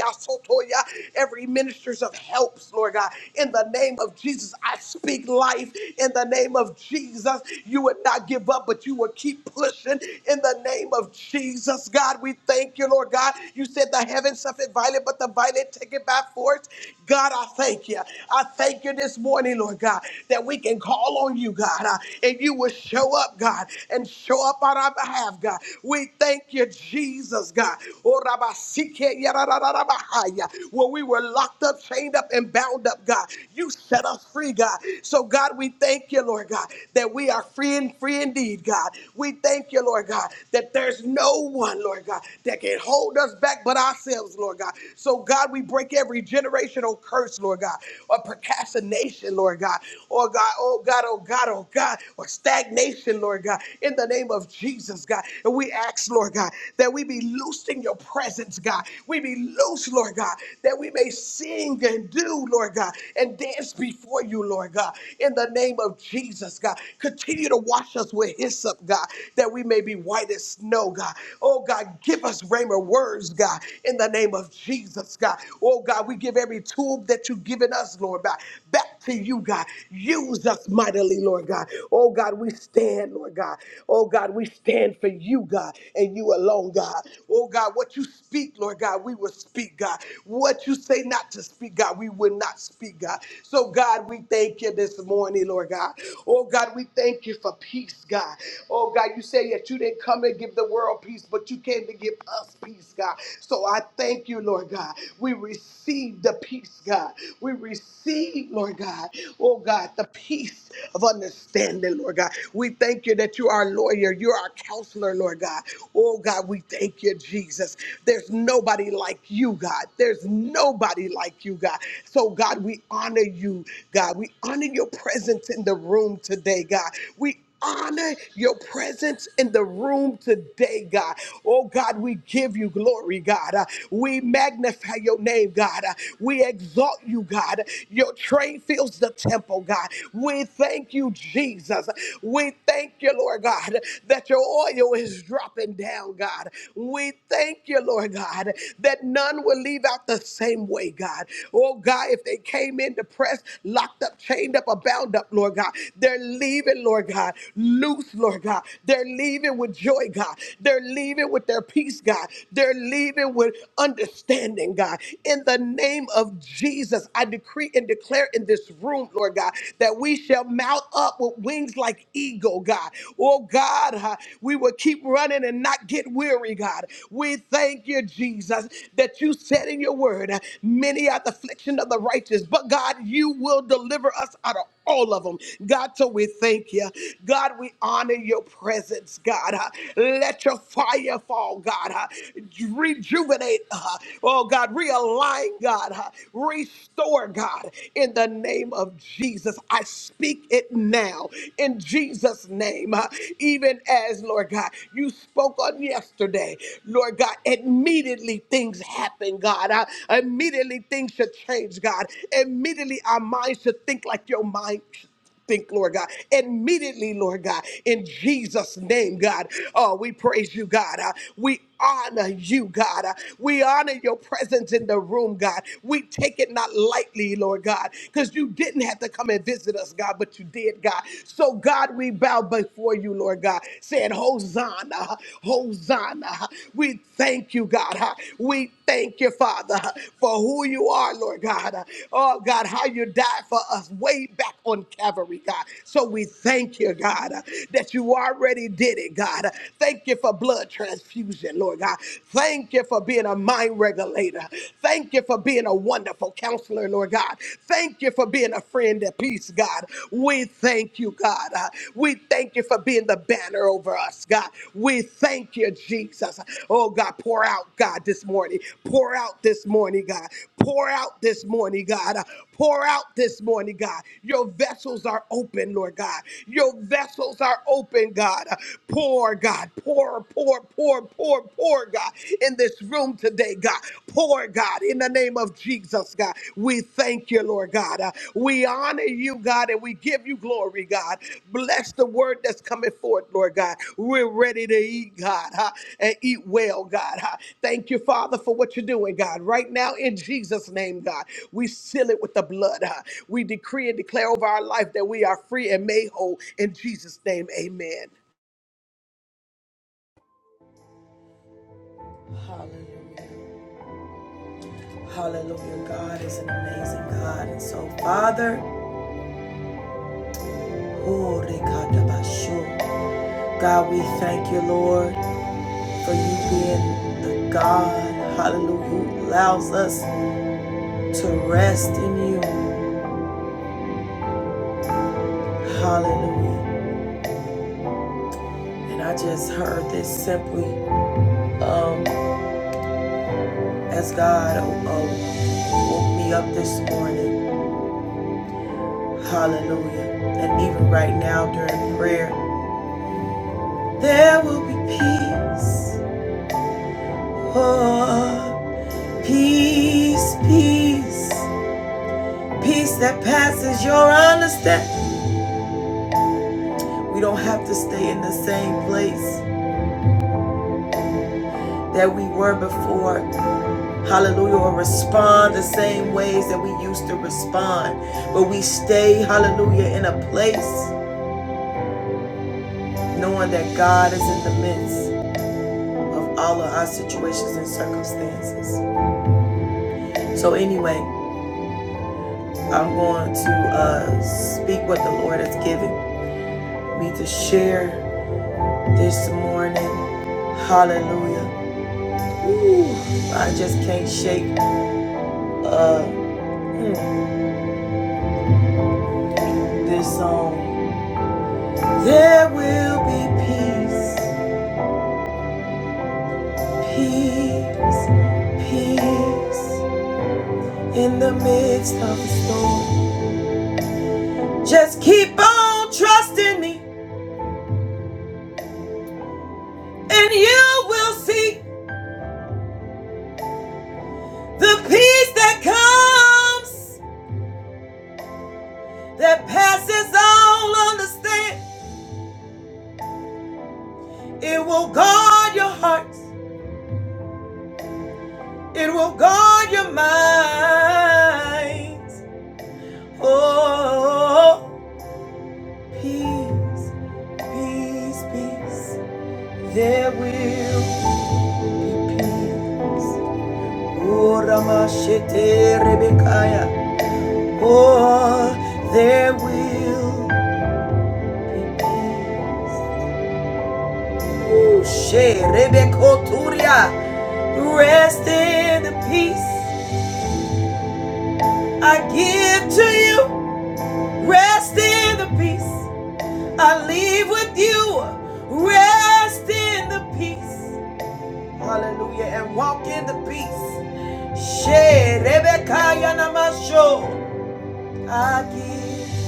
B: Sotoya, every ministers of helps, Lord God. In the name of Jesus, I speak life. In the name of Jesus, you would not give up, but you would keep pushing. In the name of Jesus, God, we thank you, Lord God. You said the heavens suffered violent, but the violent take it by force. God, I thank you. I thank you this morning, Lord God, that we can call on you, God, uh, and you will show up, God, and show up on our behalf, God. We thank you, Jesus, God. Oh, Rabba, Sike, Yara, Ra, Ra, Ra, Bahaya. Where we were locked up, chained up, and bound up, God. You set us free, God. So, God, we thank you, Lord God, that we are free and free indeed, God. We thank you, Lord God, that there's no one, Lord God, that can hold us back but ourselves, Lord God. So, God, we break every generational curse, Lord God, or procrastination, Lord God, or God, oh God, oh God, oh God, or stagnation, Lord God, in the name of Jesus, God. And we ask next, Lord God, that we be loosed in your presence, God. We be loose, Lord God, that we may sing and do, Lord God, and dance before you, Lord God, in the name of Jesus, God. Continue to wash us with hyssop, God, that we may be white as snow, God. Oh, God, give us rhema words, God, in the name of Jesus, God. Oh, God, we give every tool that you've given us, Lord God, back back to you, God. Use us mightily, Lord God. Oh, God, we stand, Lord God. Oh, God, we stand for you, God, and you alone, God. Oh, God, what you speak, Lord God, we will speak, God. What you say not to speak, God, we will not speak, God. So, God, we thank you this morning, Lord God. Oh, God, we thank you for peace, God. Oh, God, you say that you didn't come and give the world peace, but you came to give us peace, God. So I thank you, Lord God. We receive the peace, God. We receive, Lord God, oh God, the peace of understanding, Lord God. We thank you that you are our lawyer, you're our counselor, Lord God. Oh God, we thank you, Jesus. There's nobody like you, God. There's nobody like you, God. So, God, we honor you, God. We honor your presence in the room today, God. We honor your presence in the room today, God. Oh, God, we give you glory, God. Uh, We magnify your name, God. Uh, We exalt you, God. Your train fills the temple, God. We thank you, Jesus. We thank you, Lord God, that your oil is dropping down, God. We thank you, Lord God, that none will leave out the same way, God. Oh, God, if they came in to pray, oppressed, locked up, chained up, or bound up, Lord God. They're leaving, Lord God, loose, Lord God. They're leaving with joy, God. They're leaving with their peace, God. They're leaving with understanding, God. In the name of Jesus, I decree and declare in this room, Lord God, that we shall mount up with wings like eagle, God. Oh God, huh, we will keep running and not get weary, God. We thank you, Jesus, that you said in your word, uh, many are the affliction of the righteous, but God, you will deliver us out of all of them. God, so we thank you. God, we honor your presence, God. Uh, Let your fire fall, God. Uh, Rejuvenate, uh, oh God, realign, God. Uh, Restore, God. In the name of Jesus, I speak it now in Jesus' name. Uh, Even as, Lord God, you spoke on yesterday. Lord God, immediately things happen, God. Uh, immediately things should change, God. Immediately our minds should think like your mind should think, Lord God. Immediately, Lord God, in Jesus' name, God. Oh, we praise you, God. Uh, we honor you, God. Uh, We honor your presence in the room, God. We take it not lightly, Lord God, because you didn't have to come and visit us, God, but you did, God. So, God, we bow before you, Lord God, saying, Hosanna, Hosanna. We thank you, God. Uh, We thank you, Father, uh, for who you are, Lord God. Uh, Oh, God, how you died for us way back on Calvary, God. So, we thank you, God, uh, that you already did it, God. Uh, Thank you for blood blood transfusion, Lord God. Thank you for being a mind regulator. Thank you for being a wonderful counselor, Lord God. Thank you for being a friend at peace, God. We thank you, God. Uh, We thank you for being the banner over us, God. We thank you, Jesus. Oh, God, pour out, God, this morning. Pour out this morning, God. Pour out this morning, God. Uh, Pour out this morning, God. Your vessels are open, Lord God. Your vessels are open, God. Uh, Pour, Pour, God. Pour, pour, pour, pour, pour, God. In this room today, God. Pour, God. In the name of Jesus, God. We thank you, Lord God. Uh, we honor you, God, and we give you glory, God. Bless the word that's coming forth, Lord God. We're ready to eat, God, huh? and eat well, God. huh? Thank you, Father, for what you're doing, God. Right now, in Jesus' name, God, we seal it with the blood. huh? We decree and declare over our life that we are free and made whole. In Jesus' name, amen.
A: Hallelujah. Hallelujah. God is an amazing God. And so, Father, oh, rekatabashu. God, we thank you, Lord, for you being the God, hallelujah, who allows us to rest in you. Hallelujah. And I just heard this simply. um, as God uh, woke me up this morning. Hallelujah. And even right now during prayer, there will be peace. Oh, peace, peace, peace that passes your understanding. We don't have to stay in the same place that we were before. Hallelujah. Or respond the same ways that we used to respond. But we stay, hallelujah, in a place knowing that God is in the midst. of all of our situations and circumstances. So, anyway, I'm going to uh, speak what the Lord has given me to share this morning. Hallelujah. I just can't shake uh, this song. There will be peace, peace, peace in the midst of the storm. Just keep on trusting me, and you will see the peace that comes. that passes all understanding. It will guard your hearts. It will guard your minds. Oh, peace, peace, peace. There will be peace. Oh, Ramashete Rebekaya. Oh, there will be peace. Oh, She Rebekoturia. Rest in the peace I give to you rest in the peace. I leave with you rest in the peace. Hallelujah. And walk in the peace. She Rebekah Yanamasho. I give.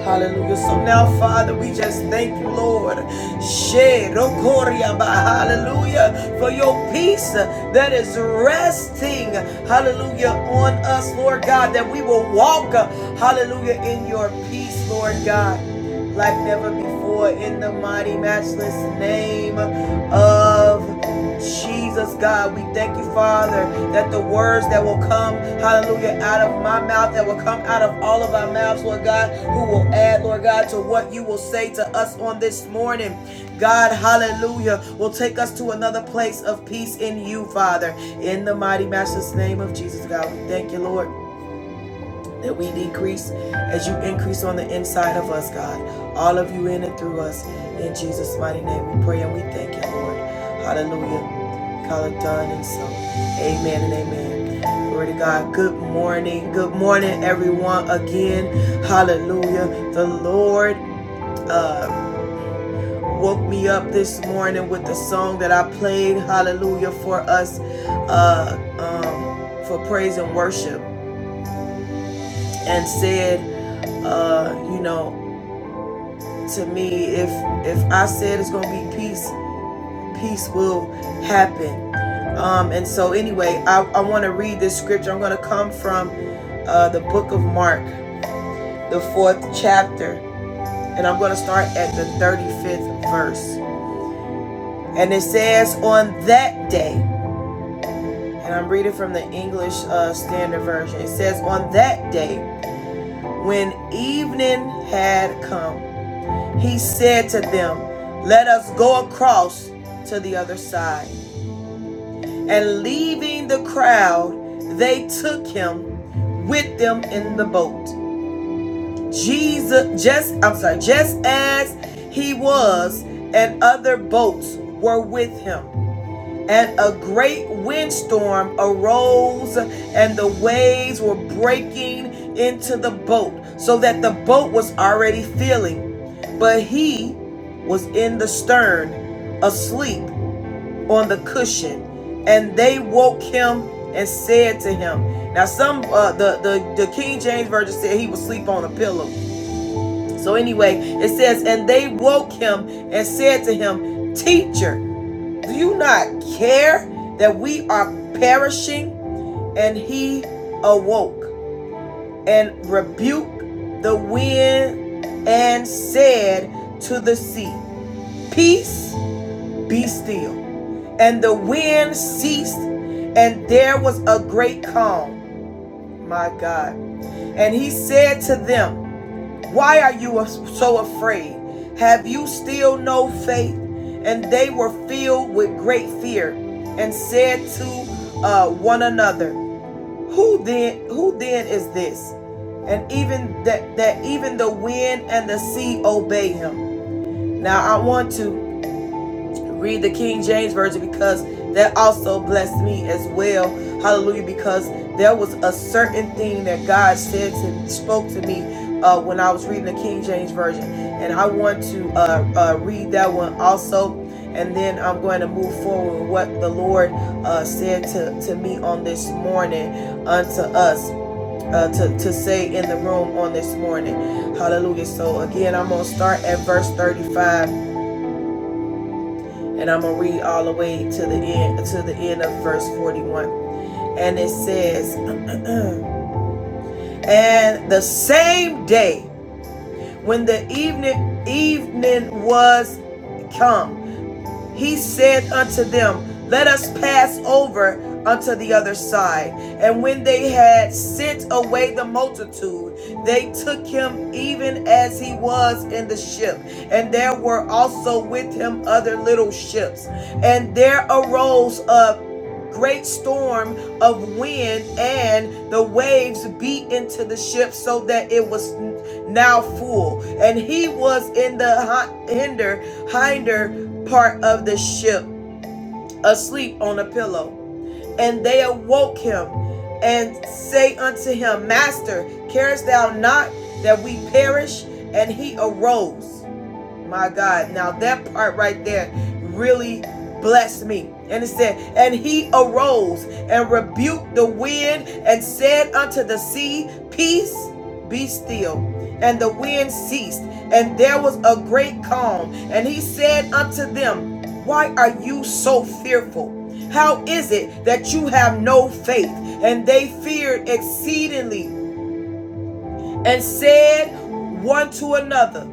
A: Hallelujah. So now, Father, we just thank you, Lord. Shed, Okoria, ba- Hallelujah. For your peace that is resting, hallelujah, on us, Lord God, that we will walk, hallelujah, in your peace, Lord God, like never before, in the mighty, matchless name of Jesus, God, we thank you, Father, that the words that will come, hallelujah, out of my mouth, that will come out of all of our mouths, Lord God, who will add, Lord God, to what you will say to us on this morning. God, hallelujah, will take us to another place of peace in you, Father. In the mighty master's name of Jesus, God, we thank you, Lord that we decrease as you increase on the inside of us, God. All of you in and through us. In Jesus' mighty name we pray and we thank you, Lord. Hallelujah. Call it done and so. Amen and amen. Glory to God. Good morning. Good morning, everyone. Again, hallelujah. The Lord uh, woke me up this morning with the song that I played, hallelujah, for us uh, um, for praise and worship and said, uh, you know, to me if if i said it's gonna be peace peace will happen um and so anyway i, I want to read this scripture i'm gonna come from uh the book of mark the fourth chapter and i'm gonna start at the 35th verse and it says on that day and i'm reading from the english uh standard version it says on that day when evening had come he said to them let us go across to the other side And leaving the crowd, they took him with them in the boat. Jesus, just, I'm sorry, just as he was, and other boats were with him. And a great windstorm arose, and the waves were breaking into the boat, so that the boat was already filling. But he was in the stern, asleep on the cushion, and they woke him and said to him. Now, some uh, the, the the King James version said he was asleep on a pillow. So anyway, it says, and they woke him and said to him, Teacher, do you not care that we are perishing? And he awoke and rebuked the wind and said to the sea, Peace, be still. And the wind ceased, and there was a great calm. My God. And he said to them, Why are you so afraid? Have you still no faith? And they were filled with great fear and said to uh, one another, Who then who then is this? And even that that even the wind and the sea obey him. Now I want to read the King James Version because that also blessed me as well. Hallelujah. Because there was a certain thing that God said to spoke to me uh, when I was reading the King James Version. And I want to uh, uh, read that one also. And then I'm going to move forward with what the Lord uh, said to, to me on this morning unto us. Uh, to, to say in the room on this morning. Hallelujah. So again, I'm going to start at verse 35 and I'm gonna read all the way to the end to the end of verse 41. And it says, And the same day when the evening evening was come, he said unto them, Let us pass over unto the other side. And when they had sent away the multitude, they took him even as he was in the ship. And there were also with him other little ships. And there arose a great storm of wind, and the waves beat into the ship so that it was now full. And he was in the hinder hinder part of the ship, asleep on a pillow. And they awoke him and say unto him, Master, carest thou not that we perish? And he arose my God. Now that part right there really blessed me. And it said, And he arose and rebuked the wind and said unto the sea, Peace, be still. And the wind ceased, and there was a great calm. And he said unto them, Why are you so fearful? How is it that you have no faith? And they feared exceedingly and said one to another,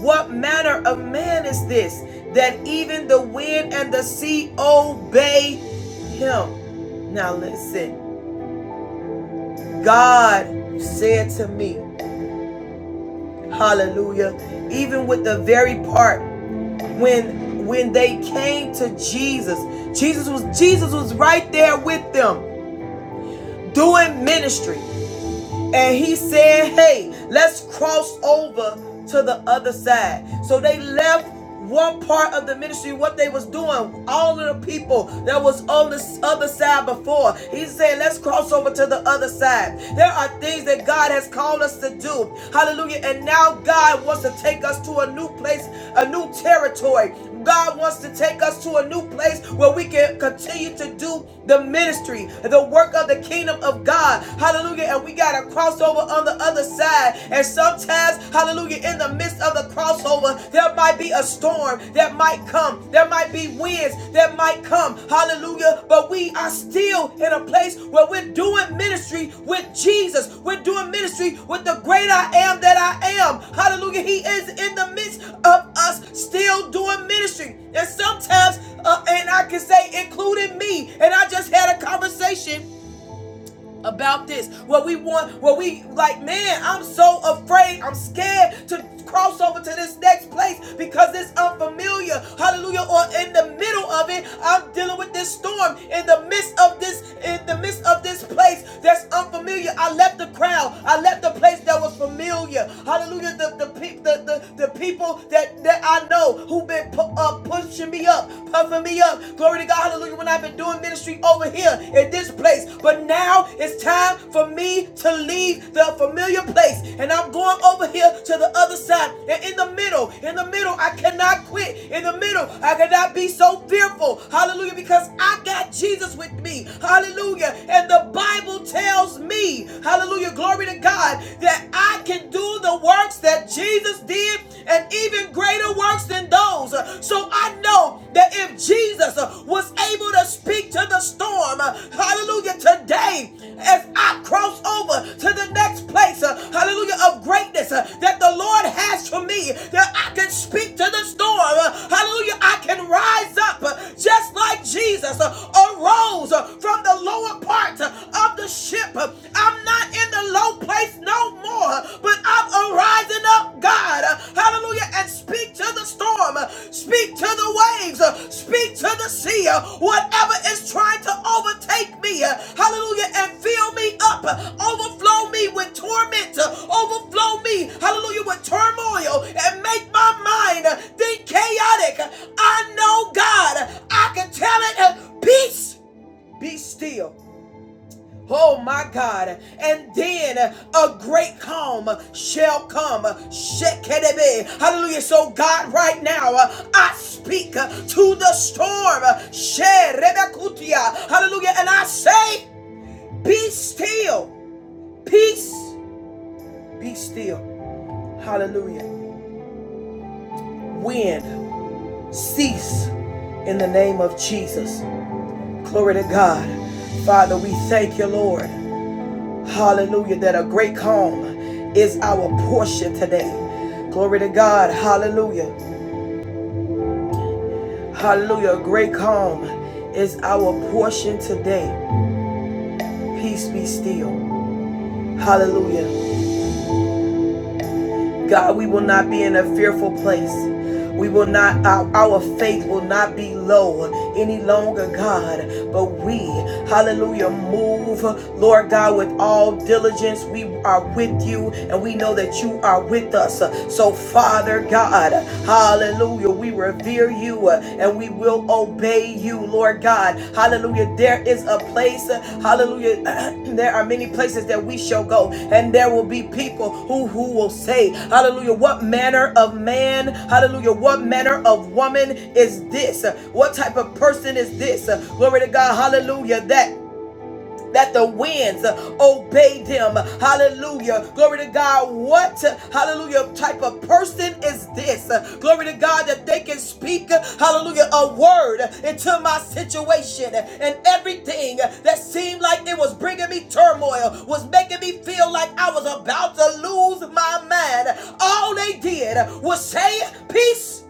A: what manner of man is this that even the wind and the sea obey him? Now listen, God said to me, hallelujah, even with the very part when when they came to Jesus, Jesus was Jesus was right there with them doing ministry. and he said, Hey, let's cross over to the other side. So they left one part of the ministry, what they was doing, all of the people that was on this other side before. He said, Let's cross over to the other side. There are things that God has called us to do. Hallelujah. And now God wants to take us to a new place, a new territory. God wants to take us to a new place where we can continue to do the ministry, the work of the kingdom of God. God. Hallelujah. And we got a crossover on the other side. And sometimes, hallelujah, in the midst of the crossover, there might be a storm that might come. There might be winds that might come. Hallelujah. But we are still in a place where we're doing ministry with Jesus. We're doing ministry with the great I am that I am. Hallelujah. He is in the midst of us still doing ministry. And sometimes, uh, and I can say, including me, and I just had a conversation about this where we want where we like man i'm so afraid i'm scared to cross over to this next place because it's unfamiliar hallelujah or in the middle of it i'm dealing with this storm in the midst of this in the midst of this place that's unfamiliar i left the crowd i left the place that was familiar hallelujah the the, pe- the, the, the people that, that i know who've been pu- uh, pushing me up puffing me up Glory to God, hallelujah, when I've been doing ministry over here in this place. But now it's time for me to leave the familiar place. And I'm going over here to the other side. And in the middle, in the middle, I cannot quit. In the middle, I cannot be so fearful. Hallelujah, because I got Jesus with me. Hallelujah. And the Bible tells me, hallelujah, glory to God, that I can do the works that Jesus did and and even greater works than those. So I know that if Jesus was able to speak to the storm, hallelujah, today, as I cross over to the next place, hallelujah, of greatness that the Lord has for me, that I can speak to the storm, hallelujah, I can rise up just like Jesus arose from the lower part of the ship. I'm not in the low place no more, but I'm arising up, God. Hallelujah. And speak to the storm, speak to the waves, speak to the sea, whatever is trying to overtake me. Hallelujah. And fill me up, overflow me with torment, overflow me, hallelujah, with turmoil, and make my mind think chaotic. I know, God, I can tell it. Peace, be still. Oh my God. And then a great calm shall come. Shekerebe. Hallelujah. So God, right now, uh, I speak uh, to the storm. Sherebekutia. Hallelujah. And I say, be still. Peace. Be still. Hallelujah. Wind. Cease in the name of Jesus. Glory to God. Father, we thank you, Lord. Hallelujah. That a great calm is our portion today. Glory to God. Hallelujah. Hallelujah. A great calm is our portion today. Peace be still. Hallelujah. God, we will not be in a fearful place. We will not, our, our faith will not be low any longer, God. But we, hallelujah, move, Lord God, with all diligence. We are with you and we know that you are with us. So, Father God, hallelujah, we revere you and we will obey obey you, Lord God. Hallelujah. There is a place, uh, hallelujah. there are many places that we shall go, and there will be people who, who will say, Hallelujah, what manner of man, hallelujah, what manner of woman is this? What type of person is this? Glory to God, hallelujah, that that the winds uh, obeyed him. Hallelujah. Glory to God. What, uh, hallelujah, type of person is this? Uh, Glory to God that they can speak, uh, hallelujah, a word into my situation and everything that seemed like it was bringing me turmoil, was making me feel like I was about to lose my mind. All they did was say, Peace.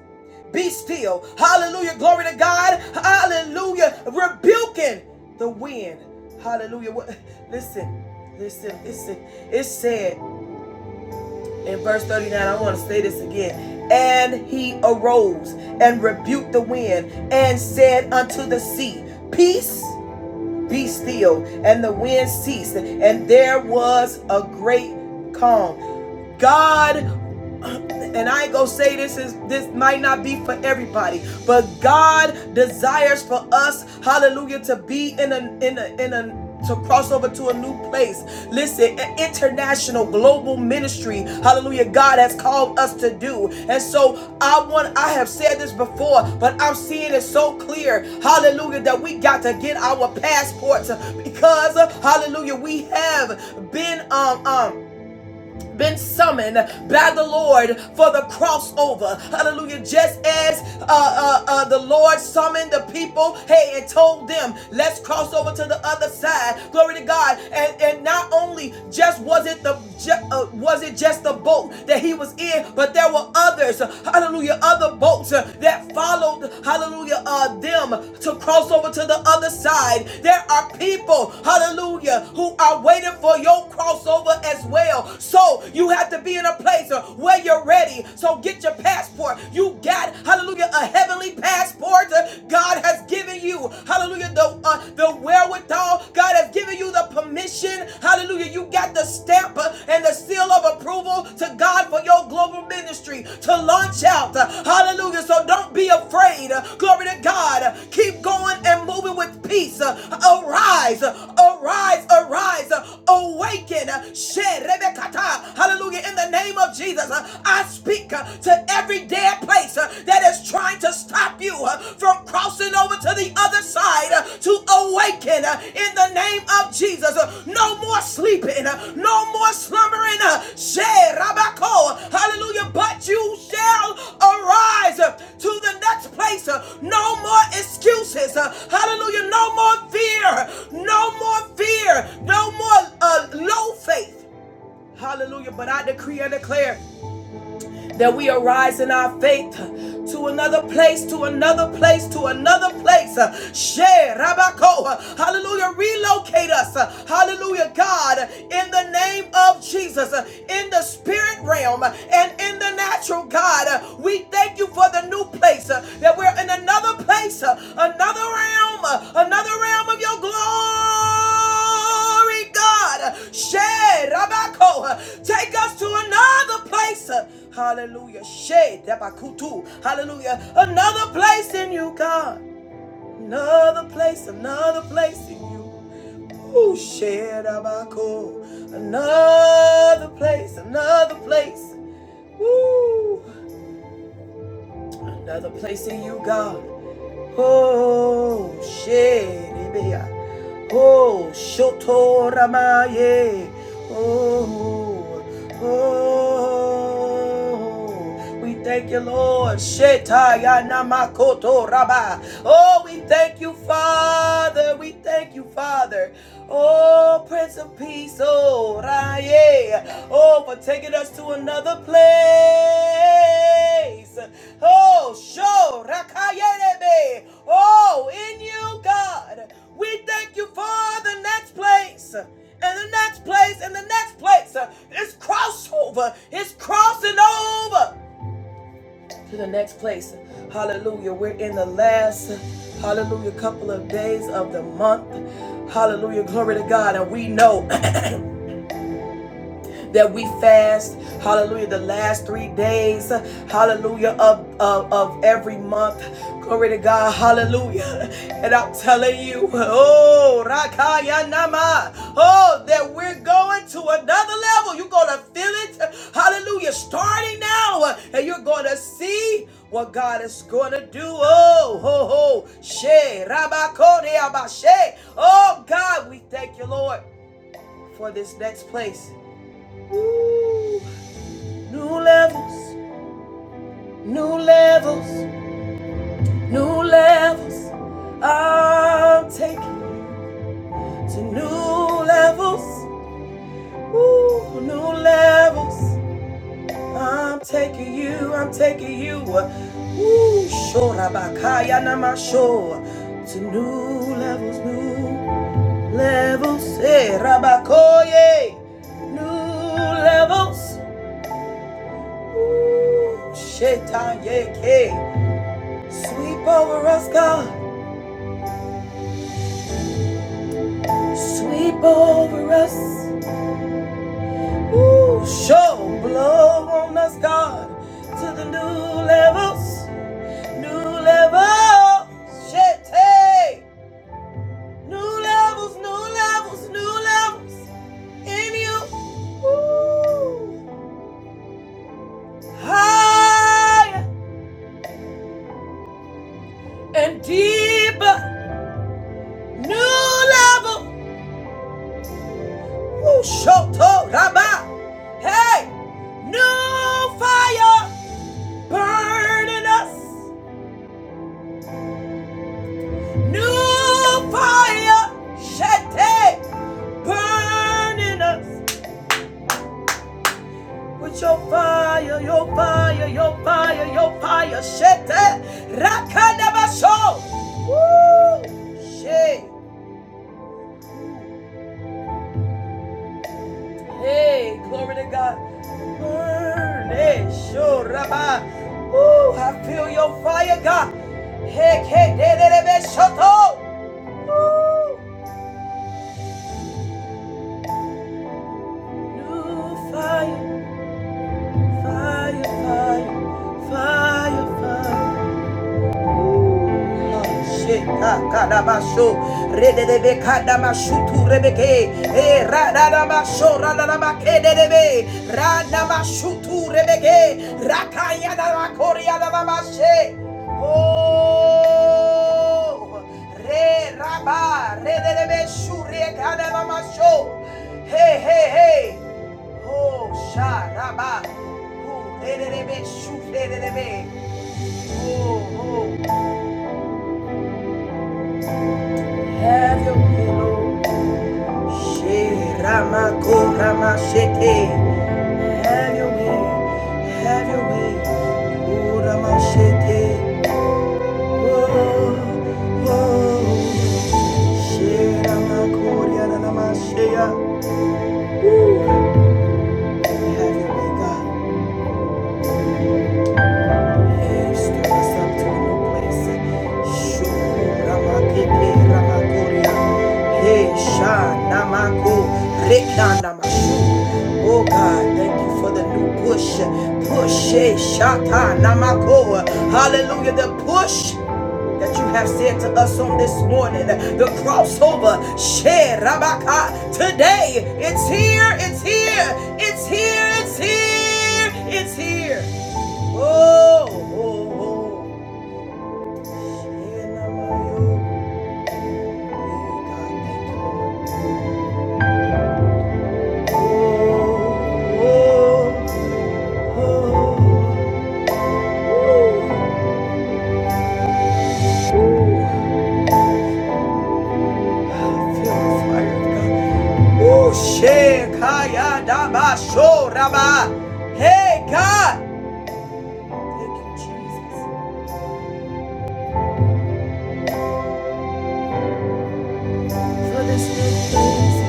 A: Be still. Hallelujah. Glory to God. Hallelujah. Rebuking the wind. Hallelujah. What- Listen, listen, listen. It said in verse 39, I want to say this again. And he arose and rebuked the wind and said unto the sea, Peace, be still. And the wind ceased, and there was a great calm. God and I ain't gonna say this is this might not be for everybody, but God desires for us, hallelujah, to be in a in a in a to cross over to a new place. Listen, an international global ministry. Hallelujah. God has called us to do. And so I want I have said this before, but I'm seeing it so clear. Hallelujah that we got to get our passports because hallelujah we have been um um been summoned by the Lord for the crossover. Hallelujah. Just as uh, uh, uh, the Lord summoned the people, hey, and told them, let's cross over to the other side. Glory to God. And, and not only just was it the ju- uh, was it just the boat that he was in, but there were others, hallelujah, other boats uh, that followed, hallelujah, uh, them to cross over to the other side. There are people, hallelujah, who are waiting for your crossover as well. So you have to be in a place uh, where you're ready. So get your passport. You got, hallelujah, a heavenly passport uh, God has given you. Hallelujah, the, uh, the wherewithal. God has given you the permission. Hallelujah, you got the stamp uh, and the seal of approval to God for your global ministry to launch out. Uh, Hallelujah, so don't be afraid. Uh, Glory to God. Uh, Keep going and moving with peace. Uh, Arise, uh, arise, arise, Awaken, awaken. Hallelujah. In the name of Jesus, uh, I speak uh, to every dead place uh, that is trying to stop you uh, from crossing over to the other side uh, to awaken uh, in the name of Jesus. Uh, No more sleeping, uh, no more slumbering. uh, Hallelujah. But you shall arise uh, to the next place. uh, No more excuses. uh, Hallelujah. No more fear. No more fear. No more uh, low faith. Hallelujah. But I decree and declare that we arise in our faith to another place, to another place, to another place. Share, Rabako. Hallelujah. Relocate us. Hallelujah. God, in the name of Jesus, in the spirit realm and in the natural, God, we thank you for the new place that we're in another place, another realm, another realm of your glory. Glory, God. Shed, Rabako. Take us to another place. Hallelujah. Shed, Rabakutu. Hallelujah. Another place in you, God. Another place, another place in you. Ooh, shed, Rabako. Another place, another place. Woo. Another place in you, God. Oh, sherebea. Oh, shotoramaye. Oh, oh. We thank you, Lord. Shetayamakoto raba. Oh, we thank you, Father. We thank you, Father. Oh, Prince of peace, oh, yeah, oh, for taking us to another place. Oh, show, rakayelebe, oh, in you, God, we thank you for the next place. And the next place, and the next place, it's crossover, it's crossing over to the next place. Hallelujah. We're in the last, hallelujah, couple of days of the month. Hallelujah. Glory to God. And we know. that we fast hallelujah the last three days hallelujah of, of of every month glory to god hallelujah and i'm telling you oh Rakaya Nama, oh that we're going to another level you're gonna feel it hallelujah starting now and you're gonna see what God is going to do. Oh, ho, ho, she, rabakode, abashe. Oh, God, we thank you, Lord, for this next place. Ooh. New levels, new levels, new levels. I'm taking to new levels. Ooh, new levels. I'm taking you, I'm taking you. uh, Ooh, shorabakaya namasho. To new levels, new levels. Hey, rabakoye. New levels. Ooh, shetaye. ke. Sweep over us, God. Sweep over us. Ooh, show blow on us, God, to the new levels, new levels. Shit, hey, new levels, new levels, new levels in you. Ooh, higher and deeper, new level. Ooh, shoto raba. Hey, new fire burning us. New fire, Shete, burning us with your fire, your fire, your fire, your fire, Shete, Rakadabaso. Woo! She. Hey, glory to God. Burn, hey, sure, Rabbi. Woo, I feel your fire, God. Hey, hey, de, de, de, be, shoto. Woo! New fire. fire, fire, fire, fire. Shekakadabaso, rededebekadamashutu rebeke, eh, radadabaso, radadabakededebe, radamashutu rebeke, rakayadabakoriadabashe. Oh, re raba, rededebeshu, rekadabamaso. Hey, hey, hey. Oh, sharaba. Oh, rededebeshu, rededebe. Oh, oh. Have your will, oh. She Rama Ko Have your way, have your way. Oh Rama Shete. Oh, oh. She Rama Ko Have your way, God. Stir us up to a new place. Shuramakete ramakoria. Hey, shanamako rekanamasu. Oh God, thank you for the new push. Push, eh, shata namako. Hallelujah, the push that you have said to us on this morning. The crossover, share Rabaka. Today, it's here, it's here, it's here, it's here, it's here. Oh, oh, oh. Yeah, nah, nah, yo. Yeah, God, thank you, Lord. Oh, oh, oh. I feel the fire of God. Oh, Shekaya Daba Shoraba. Hey, God. Thank you, Jesus, for this reason.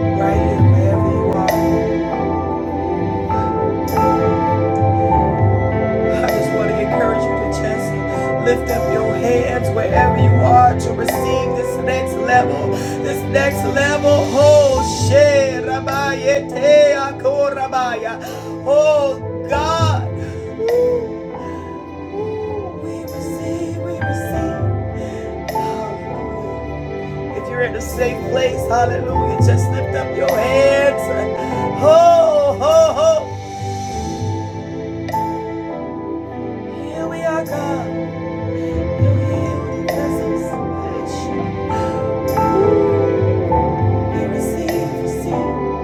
A: Right here, wherever you are. I just want to encourage you to just lift up your hands wherever you are to receive this next level. This next level. Oh, shit. Rabaye te akorabaya. Oh, God. we receive, we receive. Hallelujah. If you're in a safe place, hallelujah, just lift up your hands. Ho, ho, ho. Here we are, God. You're here with your presence. You receive, receive,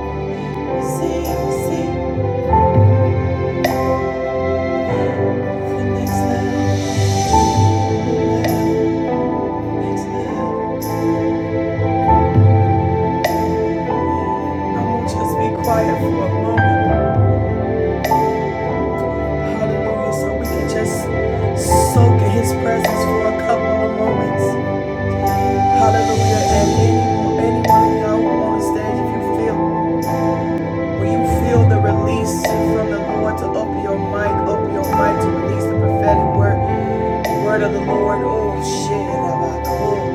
A: receive, receive the next level, next level. I will just be quiet for a moment. Hallelujah. So we can just soak in his presence for a couple of moments. Hallelujah. And anyone, anyone of y'all on stage, if you feel, when you feel the release from the Lord to open your mic, open your mic to release the prophetic word, word of the Lord. Oh shit. oh.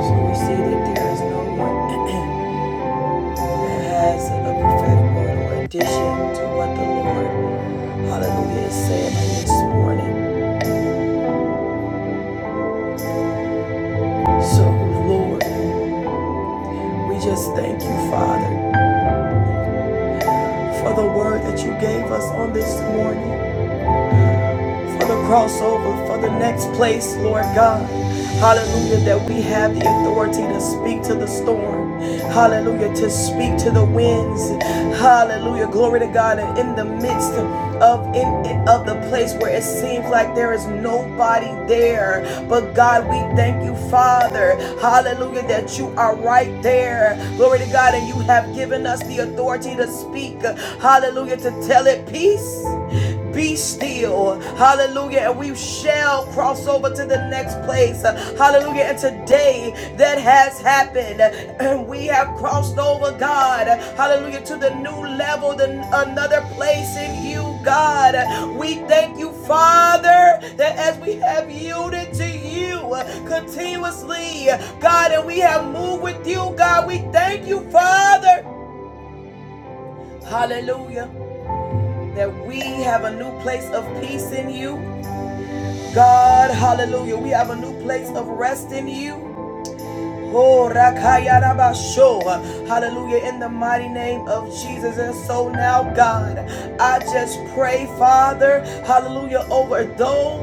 A: So we see that there is no one that has a prophetic word or addition to what the Lord, hallelujah, is saying this morning. So, Lord, we just thank you, Father, for the word that you gave us on this morning. for the crossover, for the next place, Lord God. Hallelujah, that we have the authority to speak to the storm. Hallelujah, to speak to the winds. Hallelujah, glory to God. And in the midst of in of the place where it seems like there is nobody there, but God, we thank you, Father. Hallelujah, that you are right there. Glory to God, and you have given us the authority to speak. Hallelujah, to tell it peace be still hallelujah and we shall cross over to the next place hallelujah and today that has happened and we have crossed over god hallelujah to the new level the another place in you god we thank you father that as we have yielded to you continuously god and we have moved with you god we thank you father hallelujah that we have a new place of peace in you God, hallelujah. We have a new place of rest in you. Oh, rakayarabasho. Hallelujah. In the mighty name of Jesus. And so now, God, I just pray, Father, hallelujah, over those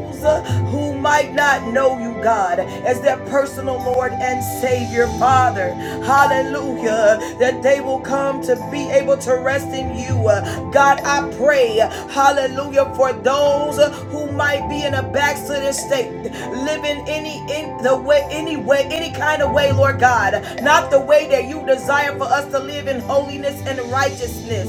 A: who might not know you, God, as their personal Lord and Savior, Father. Hallelujah. That they will come to be able to rest in you. God, I pray, hallelujah, for those who might be in a backslidden state, living any in the way, any way, any kind of way, Lord God, not the way that you desire for us to live in holiness and righteousness.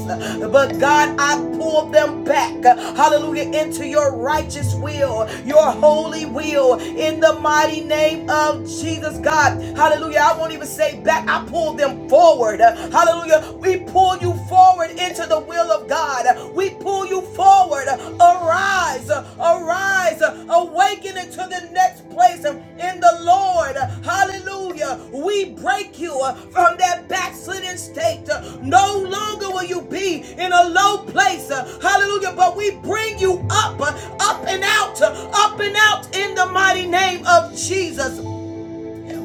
A: But God, I pull them back, hallelujah, into your righteous will, your holy will, in the mighty name of Jesus, God. Hallelujah. I won't even say back, I pull them forward. Hallelujah. We pull you forward into the will of God. We pull you forward. Arise, arise, awaken into the next place in the Lord. Hallelujah. We break you from that backslidden state. No longer will you be in a low place. Hallelujah. But we bring you up, up and out, up and out in the mighty name of Jesus.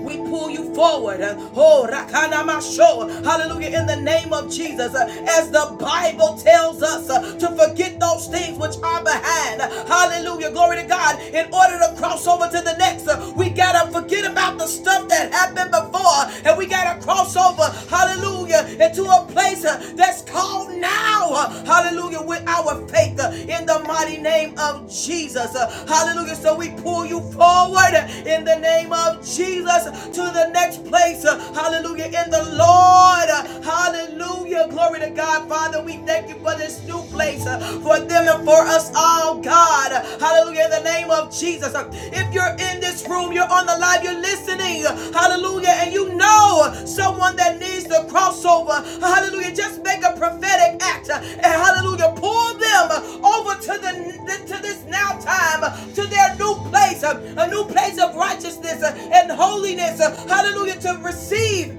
A: We pull you forward. Oh, rakanamasho. Hallelujah. In the name of Jesus. As the Bible tells us uh, to forget those things which are behind. Hallelujah. Glory to God. In order to cross over to the next, uh, we got to forget about the stuff that happened before. And we got to cross over. Hallelujah. Into a place uh, that's called go now, uh, hallelujah, with our faith uh, in the mighty name of Jesus. Uh, Hallelujah. So we pull you forward uh, in the name of Jesus to the next place, uh, hallelujah, in the Lord. Uh, Hallelujah. Glory to God, Father. We thank you for this new place, uh, for them and for us all, God. Uh, Hallelujah. In the name of of Jesus. If you're in this room, you're on the live, you're listening, hallelujah, and you know someone that needs the crossover, hallelujah, just make a prophetic act and hallelujah, pull them over to the to this now time, to their new place, a new place of righteousness and holiness, hallelujah, to receive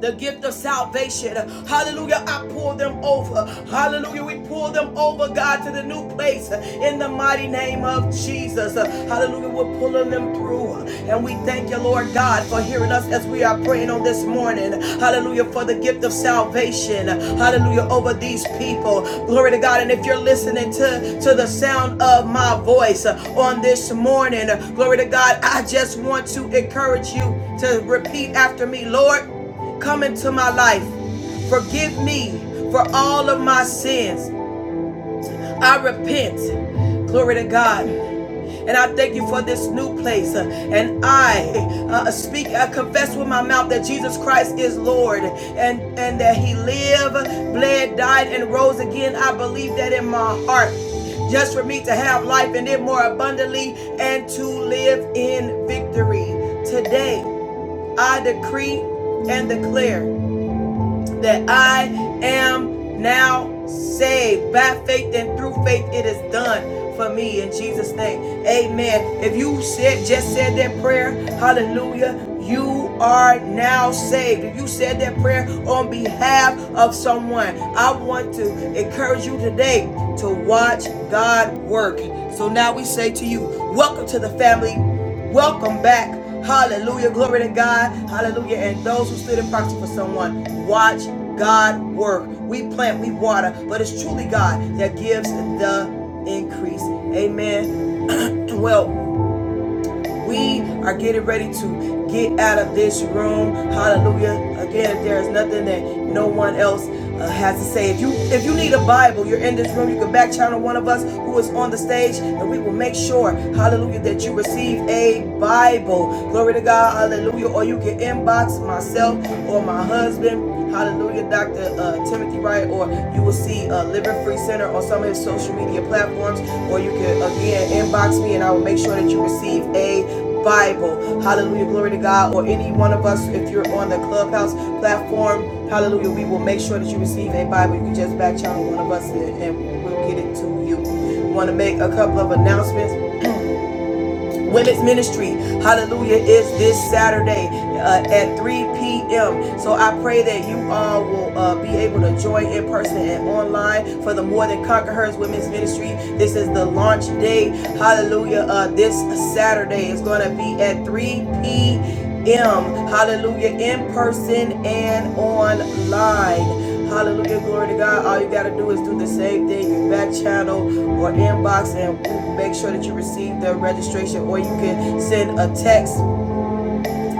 A: the gift of salvation. Hallelujah. I pour them over. Hallelujah. We pour them over, God, to the new place in the mighty name of Jesus. Hallelujah. We're pulling them through. And we thank you, Lord God, for hearing us as we are praying on this morning. Hallelujah. For the gift of salvation. Hallelujah. Over these people. Glory to God. And if you're listening to, to the sound of my voice on this morning, glory to God, I just want to encourage you to repeat after me, Lord. Come into my life. Forgive me for all of my sins. I repent. Glory to God. And I thank you for this new place. Uh, And I uh, speak, I confess with my mouth that Jesus Christ is Lord and, and that He lived, bled, died, and rose again. I believe that in my heart, just for me to have life and it more abundantly and to live in victory. Today, I decree and declare that I am now saved. By faith and through faith, it is done for me in Jesus' name. Amen. If you said just said that prayer, hallelujah. You are now saved. If you said that prayer on behalf of someone, I want to encourage you today to watch God work. So now we say to you, welcome to the family Welcome back. Hallelujah. Glory to God. Hallelujah. And those who stood in proxy for someone, watch God work. We plant, we water, but it's truly God that gives the increase. Amen. Well, we are getting ready to get out of this room. Hallelujah. Again, there is nothing that no one else uh, has to say. If you if you need a Bible, you're in this room, you can back channel one of us who is on the stage, and we will make sure, hallelujah, that you receive a Bible. Glory to God, hallelujah. Or you can inbox myself or my husband. Hallelujah, Dr. Uh, Timothy Wright, or you will see uh, Living Free Center on some of his social media platforms, or you can again inbox me and I will make sure that you receive a. Bible. Hallelujah. Glory to God. Or any one of us, if you're on the Clubhouse platform, hallelujah, we will make sure that you receive a Bible. You can just back channel one of us and, and we'll get it to you. I Want to make a couple of announcements. Women's Ministry, hallelujah, is this Saturday uh, at 3 p.m. So I pray that you all will uh, be able to join in person and online for the More Than Conquerors Women's Ministry. This is the launch day, hallelujah, uh, this Saturday. It's going to be at 3 p.m. Hallelujah, in person and online. Hallelujah, glory to God. All you got to do is do the same thing. You back channel or inbox and make sure that you receive the registration or you can send a text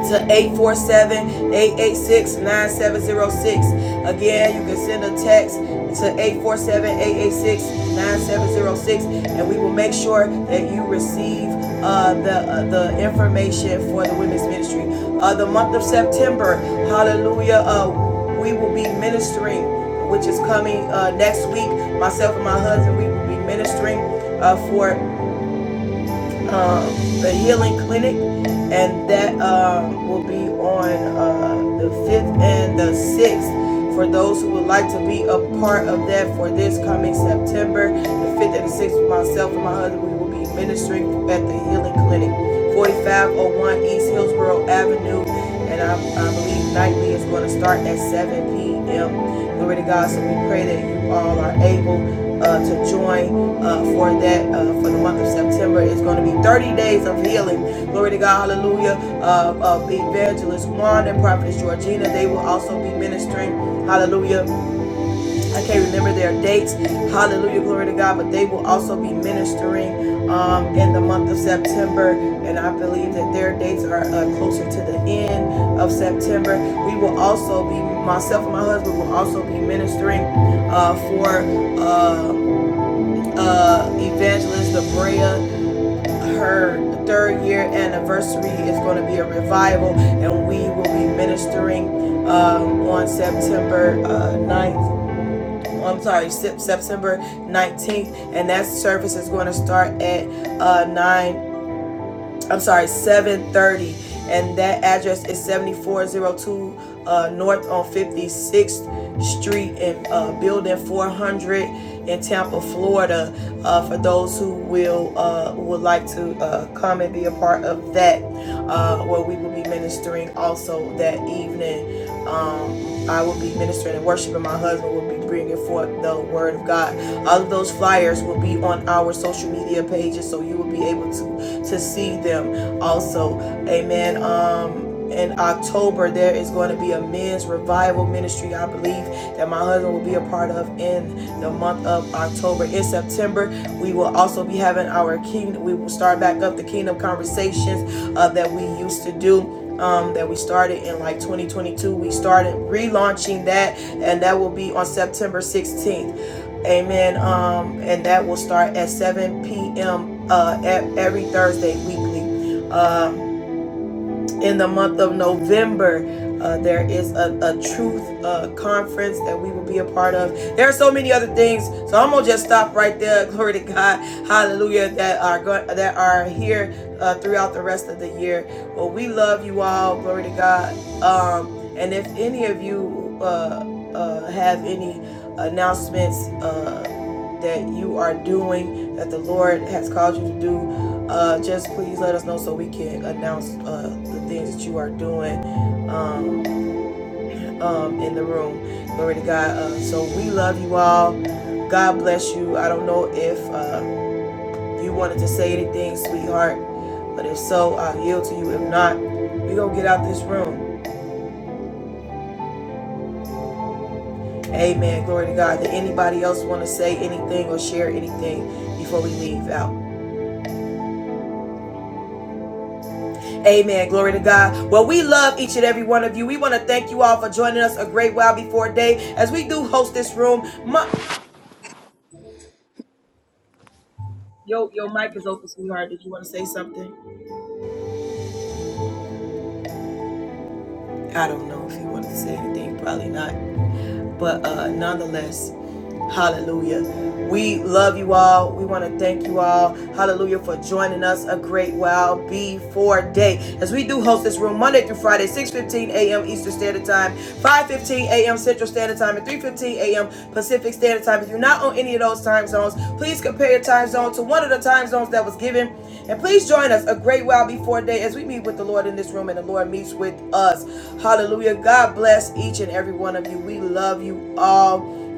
A: to eight four seven eight eight six nine seven zero six. Again, you can send a text to eight four seven eight eight six nine seven zero six, and we will make sure that you receive uh, the uh, the information for the women's ministry. Uh, the month of September, hallelujah, uh, we will be ministering, which is coming uh, next week. Myself and my husband, we will be ministering uh, for the healing clinic, and that uh, will be on uh, the 5th and the 6th. For those who would like to be a part of that for this coming September, the 5th and the 6th, myself and my husband, we will be ministering at the healing clinic, 4501 East Hillsborough Avenue. And I, I believe nightly is going to start at 7 p.m. Glory to God. So we pray that you all are able uh, to join uh, for that uh, for the month of September. It's going to be 30 days of healing. Glory to God, hallelujah. Uh, of evangelist Juan and prophetess Georgina, they will also be ministering. Hallelujah. I can't remember their dates. Hallelujah, glory to God, but they will also be ministering um, in the month of September. And I believe that their dates are uh, closer to the end of September. We will also be, myself and my husband will also be ministering uh, for. Uh, uh, Evangelist Abrea. Her third year anniversary is going to be a revival, and we will be ministering um, on September uh, 9th. I'm sorry, September 19th, and that service is going to start at uh, 9 I'm sorry, 730. And that address is 7402 uh, North on 56th Street in uh, Building 400 in Tampa, Florida. Uh, for those who will uh, would like to uh, come and be a part of that, uh, where we will be ministering also that evening. Um, I will be ministering and worshiping. My husband will be bringing forth the word of God. All of those flyers will be on our social media pages, so you will be able to to see them also. Amen. Um, in October, there is going to be a men's revival ministry, I believe, that my husband will be a part of in the month of October. In September, we will also be having our kingdom, we will start back up the kingdom conversations uh, that we used to do. Um, that we started in like 2022 we started relaunching that and that will be on september 16th Amen. Um, and that will start at 7 p.m. Uh, e- every Thursday weekly. Uh, in the month of November, uh, there is a, a truth uh, conference that we will be a part of. There are so many other things, so I'm gonna just stop right there. Glory to God, Hallelujah! That are go- that are here uh, throughout the rest of the year. Well, we love you all. Glory to God. Um, and if any of you uh, uh, have any announcements. Uh, that you are doing that the Lord has called you to do. Uh, just please let us know so we can announce uh, the things that you are doing um, um, in the room. Glory to God. Uh, so we love you all. God bless you. I don't know if uh, you wanted to say anything, sweetheart, but if so, I'll yield to you. If not, we gonna get out this room. Amen. Glory to God. Did anybody else want to say anything or share anything before we leave out? Amen. Glory to God. Well, we love each and every one of you. We want to thank you all for joining us a great while before day as we do host this room. Mo- Yo, your mic is open, sweetheart. Did you want to say something? I don't know if you want to say anything. Probably not. But uh nonetheless, Hallelujah. We love you all. We want to thank you all. Hallelujah for joining us a great while before day. As we do host this room Monday through Friday, 6:15 a.m. Eastern Standard Time, 5:15 a.m. Central Standard Time, and 3:15 a.m. Pacific Standard Time. If you're not on any of those time zones, please compare your time zone to one of the time zones that was given. And please join us a great while before day as we meet with the Lord in this room and the Lord meets with us. Hallelujah. God bless each and every one of you. We love you all.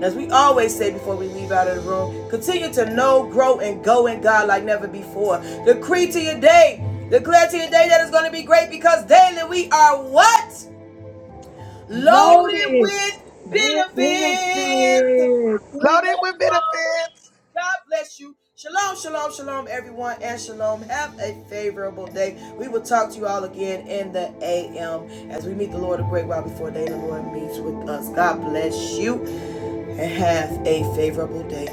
A: As we always say before we leave out of the room, continue to know, grow, and go in God like never before. Decree to your day, declare to your day that it's going to be great because daily we are what? Loaded
D: loaded
A: with
D: with
A: benefits.
D: benefits.
A: We
B: Loaded
A: love
B: with
A: you all.
B: benefits.
A: God bless you. Shalom, shalom, shalom, everyone, and shalom. Have a favorable day. We will talk to you all again in the AM as we meet the Lord a great while before day. The Lord meets with us. God bless you and have a favorable day.